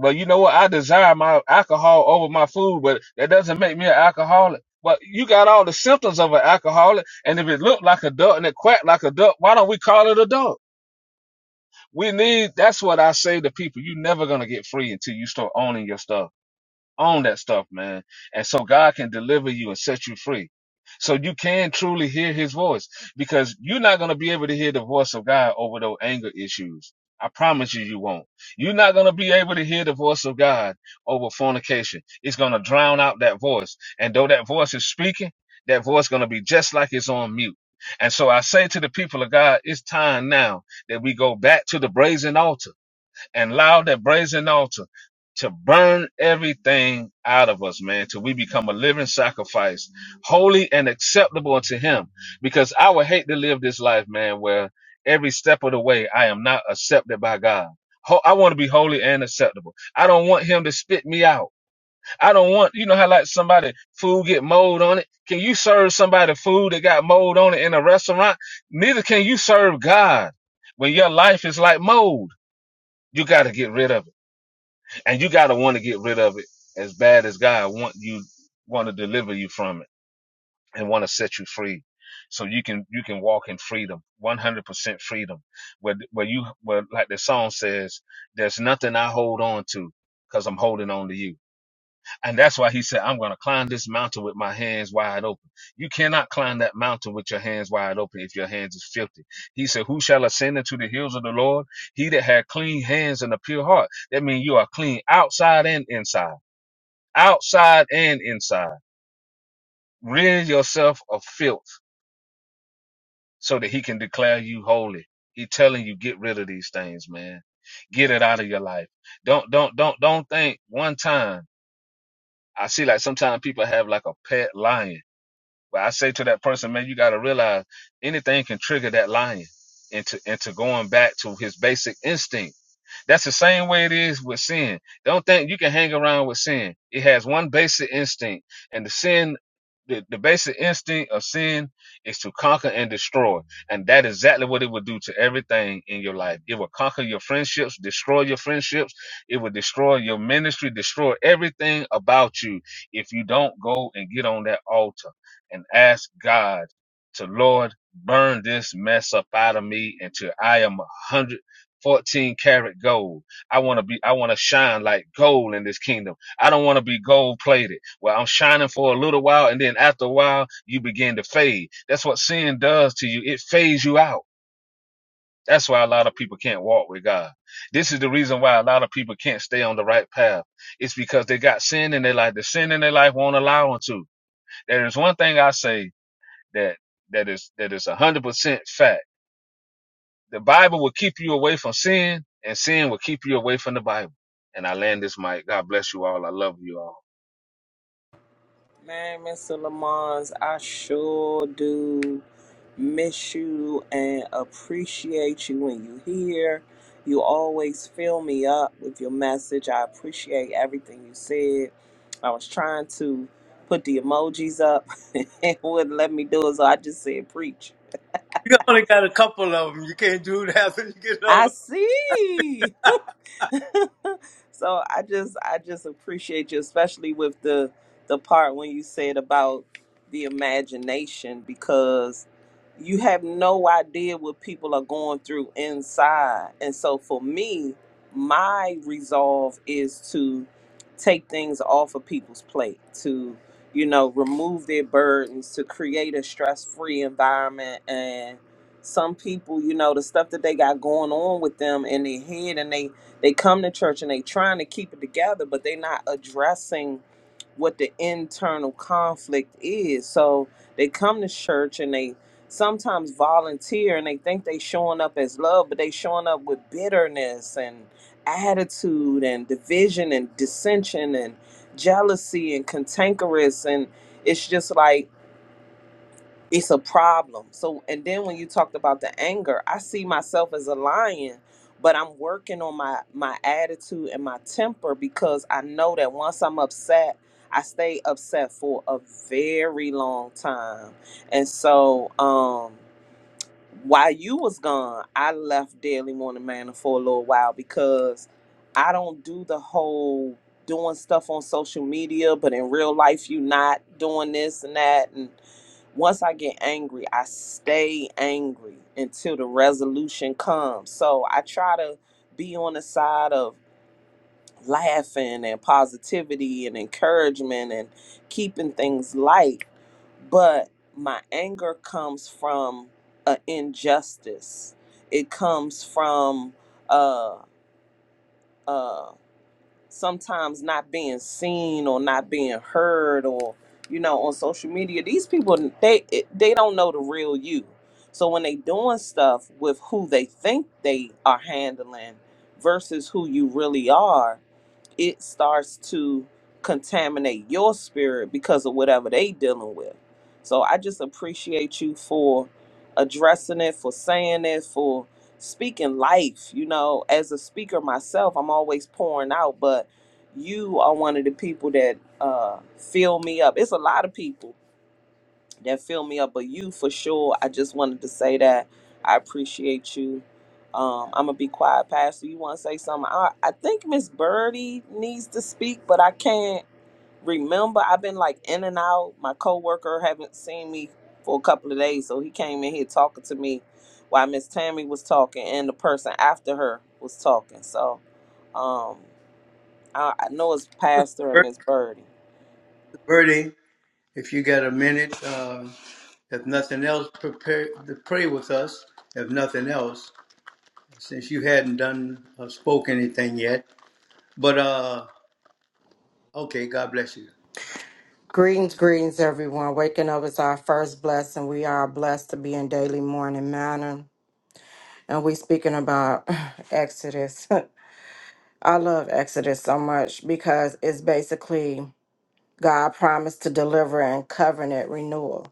Speaker 6: But you know what, I desire my alcohol over my food, but that doesn't make me an alcoholic. But you got all the symptoms of an alcoholic, and if it looked like a duck and it quacked like a duck, why don't we call it a duck? We need, that's what I say to people. You're never going to get free until you start owning your stuff on that stuff, man. And so God can deliver you and set you free. So you can truly hear his voice because you're not going to be able to hear the voice of God over those anger issues. I promise you, you won't. You're not going to be able to hear the voice of God over fornication. It's going to drown out that voice. And though that voice is speaking, that voice going to be just like it's on mute. And so I say to the people of God, it's time now that we go back to the brazen altar and allow that brazen altar to burn everything out of us, man, till we become a living sacrifice, holy and acceptable unto Him. Because I would hate to live this life, man, where every step of the way I am not accepted by God. Ho- I want to be holy and acceptable. I don't want Him to spit me out. I don't want, you know how like somebody food get mold on it. Can you serve somebody food that got mold on it in a restaurant? Neither can you serve God when your life is like mold. You got to get rid of it and you gotta want to get rid of it as bad as God want you want to deliver you from it and want to set you free, so you can you can walk in freedom, one hundred percent freedom, where where you where like the song says, there's nothing I hold on to because I'm holding on to you. And that's why he said, I'm going to climb this mountain with my hands wide open. You cannot climb that mountain with your hands wide open if your hands is filthy. He said, Who shall ascend into the hills of the Lord? He that had clean hands and a pure heart. That means you are clean outside and inside. Outside and inside. Rid yourself of filth so that he can declare you holy. He telling you, get rid of these things, man. Get it out of your life. Don't, don't, don't, don't think one time. I see like sometimes people have like a pet lion But I say to that person, man, you got to realize anything can trigger that lion into into going back to his basic instinct. That's the same way it is with sin. Don't think you can hang around with sin. It has one basic instinct, and the sin, the, the basic instinct of sin is to conquer and destroy. And that is exactly what it will do to everything in your life. It will conquer your friendships, destroy your friendships. It will destroy your ministry, destroy everything about you if you don't go and get on that altar and ask God to, Lord, burn this mess up out of me until I am 100%. 14 karat gold. I want to be, I want to shine like gold in this kingdom. I don't want to be gold plated. Well, I'm shining for a little while and then after a while, you begin to fade. That's what sin does to you. It fades you out. That's why a lot of people can't walk with God. This is the reason why a lot of people can't stay on the right path. It's because they got sin in their life. The sin in their life won't allow them to. There is one thing I say that, that is, that is 100% fact the Bible will keep you away from sin, and sin will keep you away from the Bible. And I land this mic. God bless you all. I love you all.
Speaker 3: Man, Mr. Lamons, I sure do miss you and appreciate you when you here. You always fill me up with your message. I appreciate everything you said. I was trying to put the emojis up and it wouldn't let me do it, so I just said preach.
Speaker 1: can do it
Speaker 3: I
Speaker 1: over.
Speaker 3: see. so I just I just appreciate you, especially with the the part when you said about the imagination, because you have no idea what people are going through inside. And so for me, my resolve is to take things off of people's plate, to you know, remove their burdens, to create a stress-free environment some people, you know, the stuff that they got going on with them in their head and they they come to church and they trying to keep it together, but they not addressing what the internal conflict is. So they come to church and they sometimes volunteer and they think they showing up as love, but they showing up with bitterness and attitude and division and dissension and jealousy and cantankerous and it's just like it's a problem. So, and then when you talked about the anger, I see myself as a lion, but I'm working on my my attitude and my temper because I know that once I'm upset, I stay upset for a very long time. And so, um, while you was gone, I left Daily Morning Manor for a little while because I don't do the whole doing stuff on social media, but in real life, you not doing this and that and once I get angry, I stay angry until the resolution comes. So I try to be on the side of laughing and positivity and encouragement and keeping things light. But my anger comes from an injustice. It comes from uh, uh, sometimes not being seen or not being heard or you know on social media these people they they don't know the real you so when they doing stuff with who they think they are handling versus who you really are it starts to contaminate your spirit because of whatever they dealing with. So I just appreciate you for addressing it, for saying it, for speaking life. You know, as a speaker myself, I'm always pouring out, but you are one of the people that uh, fill me up. It's a lot of people that fill me up. But you for sure. I just wanted to say that I appreciate you. Um, I'm gonna be quiet, Pastor. You want to say something? I, I think Miss Birdie needs to speak, but I can't remember. I've been like in and out. My coworker haven't seen me for a couple of days, so he came in here talking to me while Miss Tammy was talking and the person after her was talking. So um, I, I know it's Pastor and
Speaker 1: Birdie.
Speaker 3: Miss Birdie.
Speaker 1: Birdie. If you got a minute, uh, if nothing else, prepare to pray with us. If nothing else, since you hadn't done or spoke anything yet, but uh, okay, God bless you.
Speaker 7: Greetings, greetings, everyone. Waking up is our first blessing. We are blessed to be in daily morning manner. And we speaking about Exodus. I love Exodus so much because it's basically God promised to deliver and covenant renewal.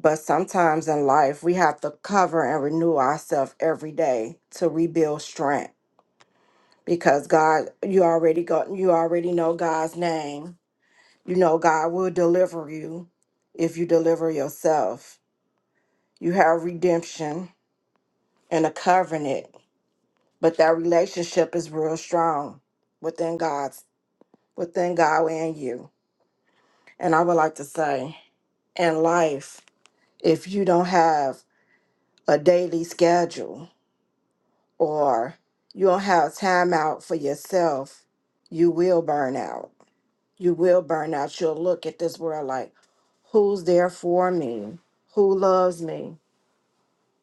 Speaker 7: But sometimes in life, we have to cover and renew ourselves every day to rebuild strength. Because God, you already got, you already know God's name. You know God will deliver you if you deliver yourself You have redemption and a covenant, but that relationship is real strong within God's within God and you. And I would like to say, in life, if you don't have a daily schedule or you don't have time out for yourself, you will burn out. You will burn out. You'll look at this world like, who's there for me? Who loves me?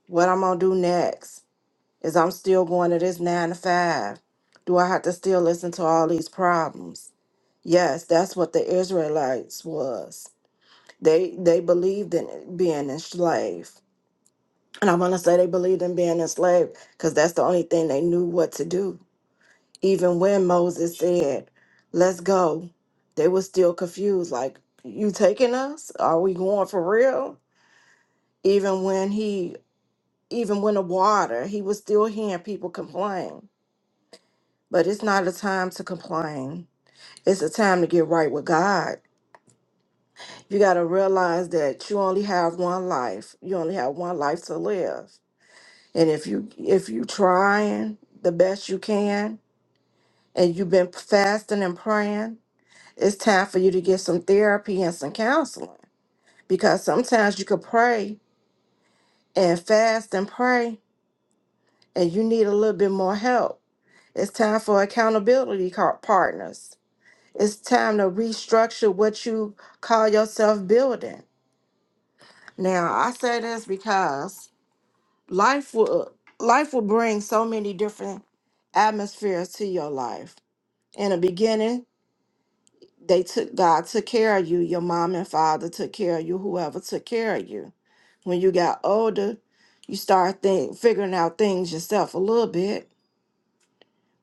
Speaker 7: What I'm gonna do next? Is I'm still going to this nine to five? Do I have to still listen to all these problems? Yes, that's what the Israelites was. They they believed in being enslaved. And I want to say they believed in being enslaved because that's the only thing they knew what to do. Even when Moses said, Let's go, they were still confused. Like, you taking us? Are we going for real? Even when he even when the water, he was still hearing people complain. But it's not a time to complain. It's a time to get right with God. You got to realize that you only have one life. You only have one life to live. And if you if you trying the best you can and you've been fasting and praying, it's time for you to get some therapy and some counseling because sometimes you could pray and fast and pray and you need a little bit more help. It's time for accountability car- partners It's time to restructure what you call yourself building. Now, I say this because life will life will bring so many different atmospheres to your life. In the beginning, they took God took care of you, your mom and father took care of you, whoever took care of you. When you got older, you start think, figuring out things yourself a little bit.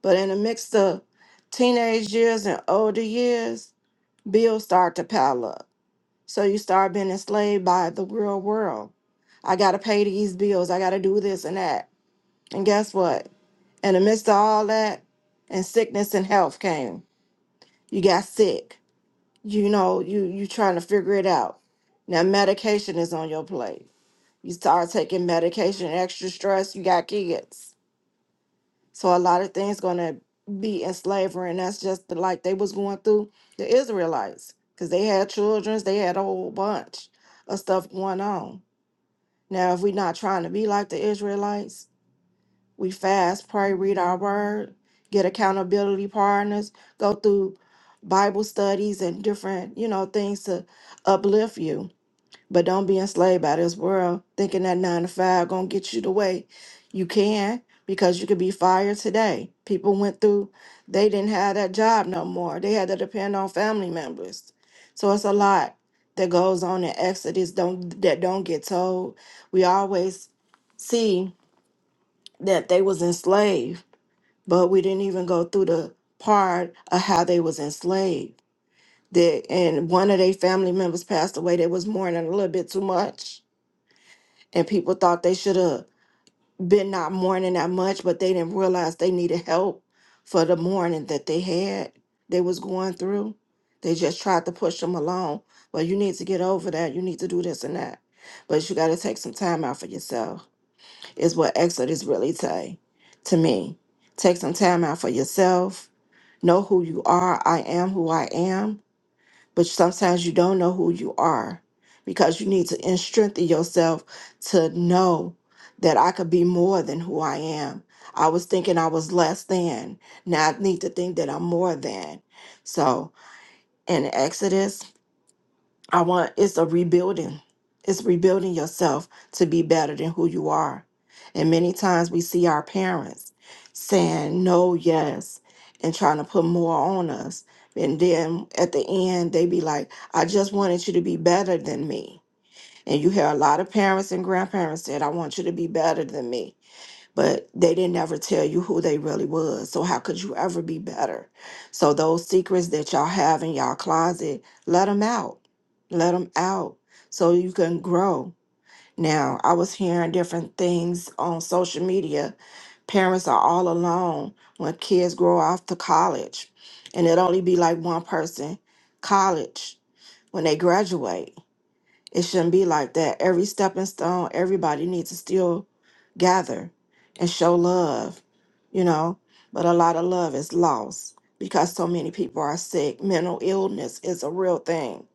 Speaker 7: But in the mix of teenage years and older years, bills start to pile up So you start being enslaved by the real world. I got to pay these bills. I got to do this and that. And guess what? In the midst of all that, and sickness and health came. You got sick. You know, you you trying to figure it out. Now medication is on your plate. You start taking medication, extra stress. You got kids, so a lot of things gonna be in slavery, and that's just the like they was going through the Israelites because they had children, they had a whole bunch of stuff going on. Now, if we're not trying to be like the Israelites, we fast, pray, read our word, get accountability partners, go through Bible studies and different, you know, things to uplift you. But don't be enslaved by this world, thinking that nine to five gonna get you the way you can, because you could be fired today. People went through; they didn't have that job no more. They had to depend on family members. So it's a lot that goes on in Exodus don't that don't get told. We always see that they was enslaved, but we didn't even go through the part of how they was enslaved. That and one of their family members passed away. They was mourning a little bit too much and people thought they should have been not mourning that much but they didn't realize they needed help for the mourning that they had they was going through they just tried to push them along well you need to get over that you need to do this and that but you got to take some time out for yourself is what exodus really say to me take some time out for yourself know who you are i am who i am but sometimes you don't know who you are because you need to in- strengthen yourself to know that I could be more than who I am. I was thinking I was less than. Now I need to think that I'm more than. So in Exodus I want it's a rebuilding. It's rebuilding yourself to be better than who you are. And many times we see our parents saying no, yes, and trying to put more on us. And then at the end, they be like, I just wanted you to be better than me. And you hear a lot of parents and grandparents said, I want you to be better than me but they didn't ever tell you who they really was. So how could you ever be better? So those secrets that y'all have in y'all closet, let them out. Let them out so you can grow. Now, I was hearing different things on social media. Parents are all alone when kids grow off to college, and it only be like one person college when they graduate. It shouldn't be like that. Every stepping stone, everybody needs to still gather and show love, you know. But a lot of love is lost because so many people are sick. Mental illness is a real thing.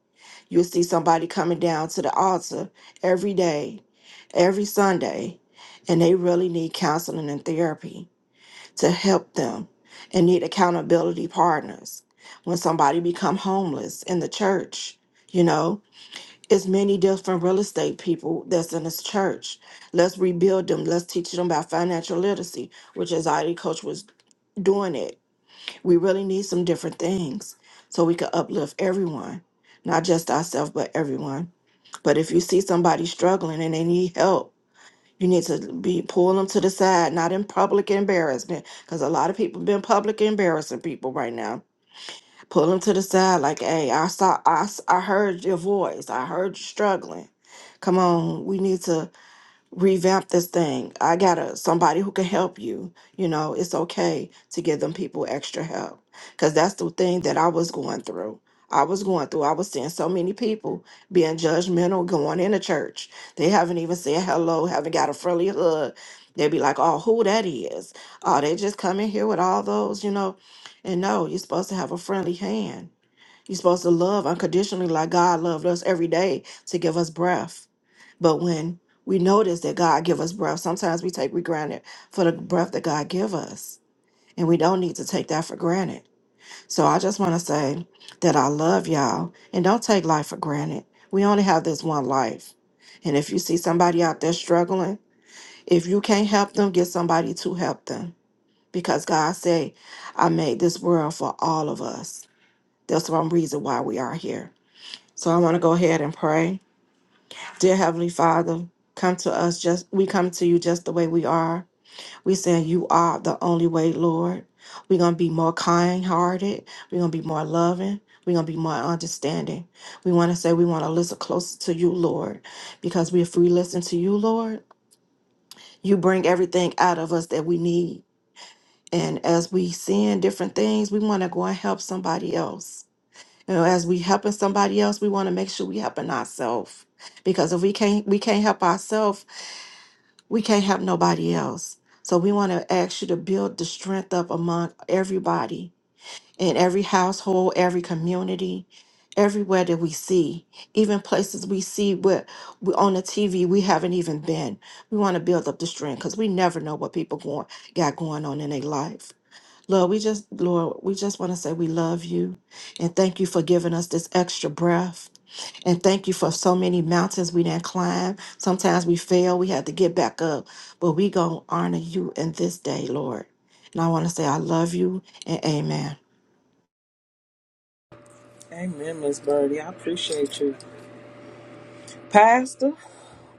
Speaker 7: you see somebody coming down to the altar every day, every Sunday, and they really need counseling and therapy to help them and need accountability partners. When somebody become homeless in the church, you know, it's many different real estate people that's in this church. Let's rebuild them. Let's teach them about financial literacy, which is already coach was doing it. We really need some different things so we can uplift everyone, not just ourselves, but everyone. But if you see somebody struggling and they need help, you need to be pull them to the side, not in public embarrassment, because a lot of people been public embarrassing people right now Pull them to the side, like, hey, I saw, I, s- I heard your voice. I heard you struggling. Come on, we need to revamp this thing. I got to somebody who can help you. You know, it's okay to give them people extra help because that's the thing that I was going through. I was going through. I was seeing so many people being judgmental going into church. They haven't even said hello, haven't got a friendly hug. They'd be like, "Oh, who that is? Oh, they just come in here with all those, you know." And no, you're supposed to have a friendly hand. You're supposed to love unconditionally, like God loved us every day to give us breath. But when we notice that God give us breath, sometimes we take we granted for the breath that God give us, and we don't need to take that for granted. So I just want to say that I love y'all, and don't take life for granted. We only have this one life, and if you see somebody out there struggling, if you can't help them, get somebody to help them, because God say, "I made this world for all of us." That's one reason why we are here. So I want to go ahead and pray. Dear Heavenly Father, come to us just we come to you just the way we are. We saying you are the only way, Lord. We're gonna be more kind hearted. We're gonna be more loving. We're gonna be more understanding. We wanna say we wanna listen closer to you, Lord. Because we if we listen to you, Lord, you bring everything out of us that we need. And as we sin different things, we wanna go and help somebody else. You know, as we helping somebody else, we want to make sure we helping ourselves. Because if we can't we can't help ourselves, we can't help nobody else. So we want to ask you to build the strength up among everybody in every household, every community, everywhere that we see, even places we see where we on the TV we haven't even been. We want to build up the strength because we never know what people going got going on in their life. Lord, we just, Lord, we just want to say we love you and thank you for giving us this extra breath. And thank you for so many mountains we didn't climb. Sometimes we fail, we had to get back up, but we going to honor you in this day, Lord. And I want to say I love you and amen.
Speaker 3: Amen, Miss Birdie. I appreciate you, Pastor.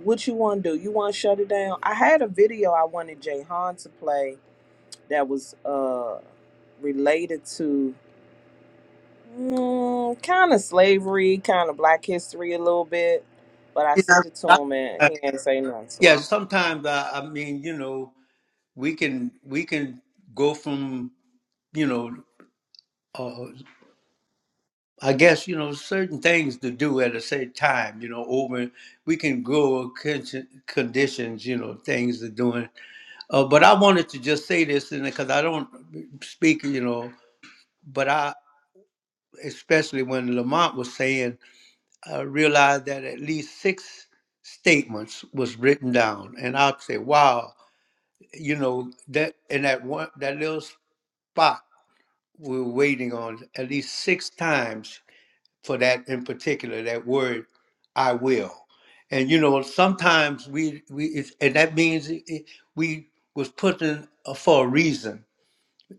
Speaker 3: what you want to do? You want to shut it down? I had a video I wanted Jay Han to play that was uh related to mm, kind of slavery, kind of Black history a little bit, but I
Speaker 1: You know,
Speaker 3: sent it to
Speaker 1: I-
Speaker 3: him and he didn't say nothing, so
Speaker 1: yeah,
Speaker 3: I don't know.
Speaker 1: sometimes I, I mean, you know, we can we can go from you know, uh, I guess you know certain things to do at a certain time. You know, over we can grow conditions, you know, things to do. Uh, but I wanted to just say this, and because I don't speak, you know, but I, especially when Lamont was saying, I realized that at least six statements was written down, and I'd say, wow, you know, that in that one that little spot we're waiting on at least six times for that in particular that word, I will, and you know, sometimes we we it's, and that means it, it- we was put in uh, for a reason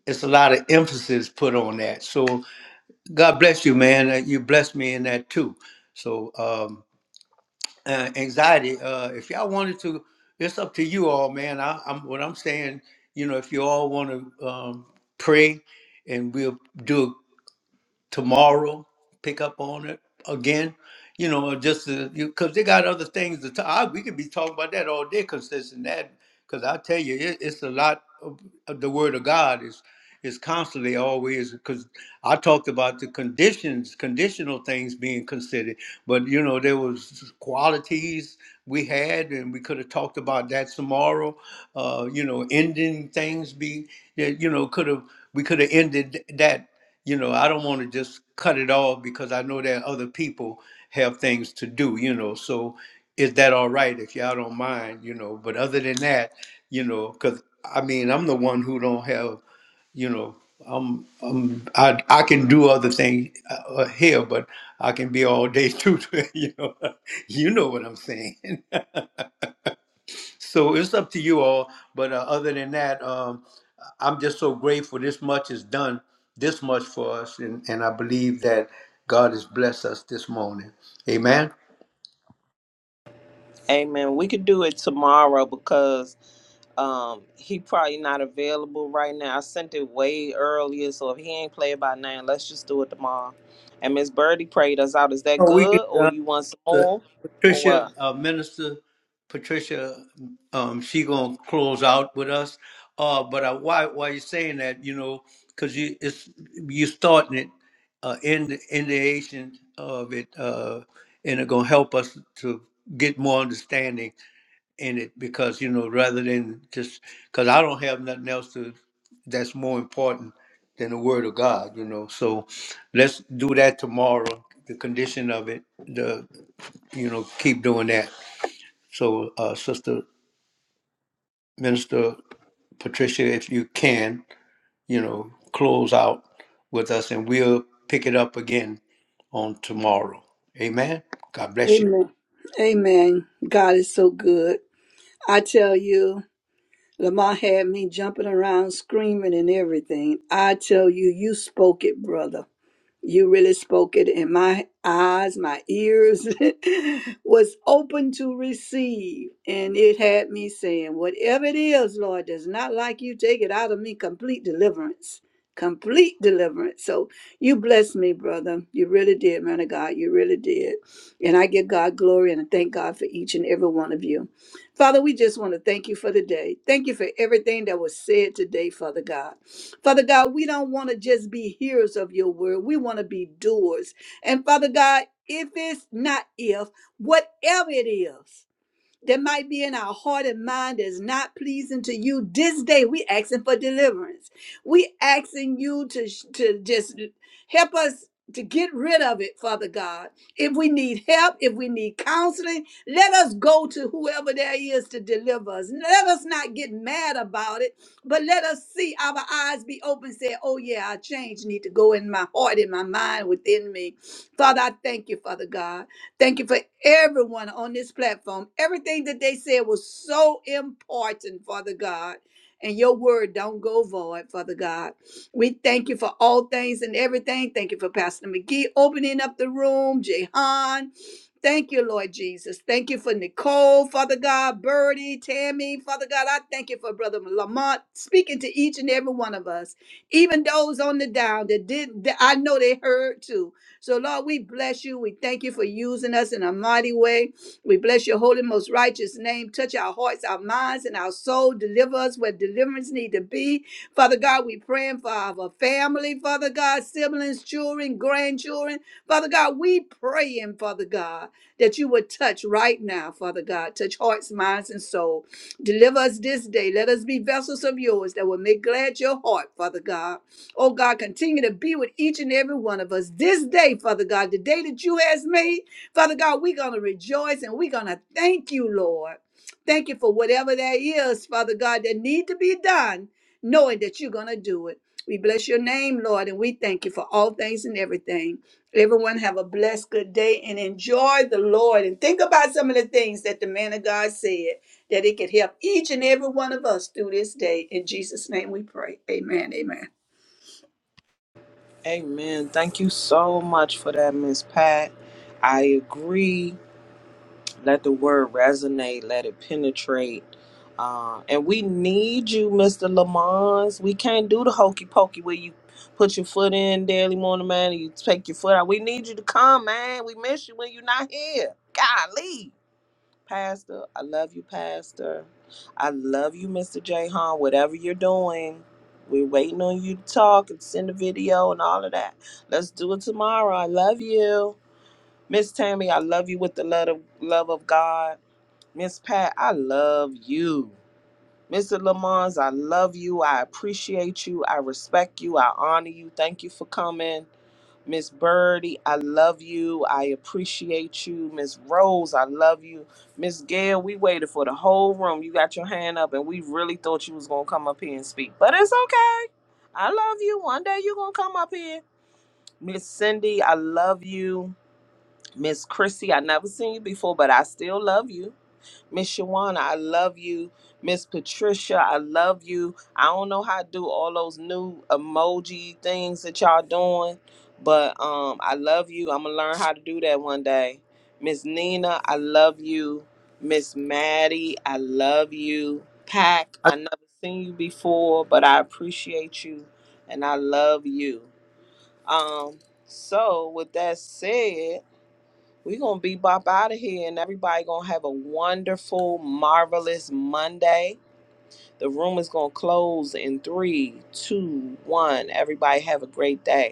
Speaker 1: it's a lot of emphasis put on that. So God bless you, man. Uh, You blessed me in that too. So um, uh, anxiety. Uh, if y'all wanted to, it's up to you all, man. I, I'm what I'm saying. You know, if you all want to um, pray, and we'll do it tomorrow. Pick up on it again. You know, just because they got other things to talk. I, we could be talking about that all day, consistent that. Because I tell you, it, it's a lot. Of, of the Word of God is. Is constantly always because I talked about the conditions, conditional things being considered, but you know there was qualities we had, and we could have talked about that tomorrow. Uh, you know, ending things be that you know could have we could have ended that. You know, I don't want to just cut it off because I know that other people have things to do. You know, so is that all right if y'all don't mind? You know, but other than that, you know, because I mean I'm the one who don't have you know i'm i'm i, I can do other things uh, uh, here but i can be all day too you know you know what i'm saying so it's up to you all but uh, other than that um i'm just so grateful this much is done this much for us and, and i believe that god has blessed us this morning amen
Speaker 3: Amen. We could do it tomorrow because um he probably not available right now. I sent it way earlier, so if he ain't play it by now, let's just do it tomorrow. And Miss Birdie prayed us out. Is that
Speaker 1: Oh, we
Speaker 3: good, or
Speaker 1: can
Speaker 3: you want some
Speaker 1: the
Speaker 3: more, or what?
Speaker 1: Patricia uh, Minister Patricia, um, she gonna close out with us. Uh, but I, why why you saying that? You know, because you it's you starting it uh, in the in the Asian of it, uh, and it gonna help us to get more understanding in it because you know rather than just because I don't have nothing else to that's more important than the word of God, you know. So let's do that tomorrow. The condition of it, the you know, keep doing that. So, uh, Sister Minister Patricia, if you can, you know, close out with us and we'll pick it up again on tomorrow. Amen. God bless you.
Speaker 4: Amen. Amen. God is so good. I tell you, Lamar had me jumping around, screaming and everything. I tell you, you spoke it, brother. you really spoke it in my eyes my ears was open to receive and it had me saying whatever it is lord does not like you take it out of me complete deliverance complete deliverance so you blessed me brother you really did man of god you really did and i give god glory and i thank god for each and every one of you father we just want to thank you for the day thank you for everything that was said today father god Father God, we don't want to just be hearers of your word. We want to be doers. And Father God, if it's not if, whatever it is, that might be in our heart and mind that is not pleasing to you this day we asking for deliverance we asking you to to just help us to get rid of it father god if we need help if we need counseling let us go to whoever there is to deliver us let us not get mad about it but let us see our eyes be open say oh yeah our change need to go in my heart in my mind within me father i thank you father god Thank you for everyone on this platform. Everything that they said was so important, Father God. And your word don't go void, Father God. We thank you for all things and everything. Thank you for Pastor McGee opening up the room, Jehan. Thank you, Lord Jesus. Thank you for Nicole, Father God, Birdie, Tammy, Father God. I thank you for Brother Lamont speaking to each and every one of us, even those on the down that did. That I know they heard too. So, Lord, we bless you. We thank you for using us in a mighty way. We bless your holy, most righteous name. Touch our hearts, our minds, and our soul. Deliver us where deliverance need to be. Father God, we praying for our family, Father God, siblings, children, grandchildren. Father God, we praying, Father God, that you would touch right now, Father God. Touch hearts, minds, and soul. Deliver us this day. Let us be vessels of yours that will make glad your heart, Father God. Oh God, continue to be with each and every one of us this day, Father God, the day that you has made. Father God, we're going to rejoice and we're going to thank you, Lord. Thank you for whatever that is, Father God, that need to be done, knowing that you're going to do it. We bless your name, Lord, and we thank you for all things and everything. Everyone have a blessed good day and enjoy the Lord and think about some of the things that the man of God said that it could help each and every one of us through this day. In Jesus' name we pray. Amen. Amen.
Speaker 3: Amen. Thank you so much for that, Miss Pat. I agree. Let the word resonate. Let it penetrate. Uh, and we need you, Mr. Lamons. We can't do the hokey pokey where you put your foot in daily morning, man, and you take your foot out. We need you to come, man. We miss you when you're not here. Golly. Pastor. I love you, Pastor. I love you, Mr. J. Whatever you're doing, we're waiting on you to talk and send a video and all of that. Let's do it tomorrow. I love you. Miss Tammy, I love you with the love of, love of God. Miss Pat, I love you. Mr. Lamons, I love you. I appreciate you. I respect you. I honor you. Thank you for coming. Miss Birdie, I love you. I appreciate you. Miss Rose, I love you. Miss Gail, we waited for the whole room. You got your hand up, and we really thought you was gonna come up here and speak. But it's okay. I love you. One day you're gonna come up here. Miss Cindy, I love you. Miss Chrissy, I never seen you before, but I still love you. Miss Shawana, I love you. Miss Patricia, I love you. I don't know how to do all those new emoji things that y'all doing, but um, I love you. I'm gonna learn how to do that one day. Miss Nina, I love you. Miss Maddie, I love you. Pack, I never seen you before, but I appreciate you and I love you. Um, so with that said, we're gonna be bop out of here and everybody gonna have a wonderful, marvelous Monday. The room is gonna close in three, two, one. Everybody have a great day.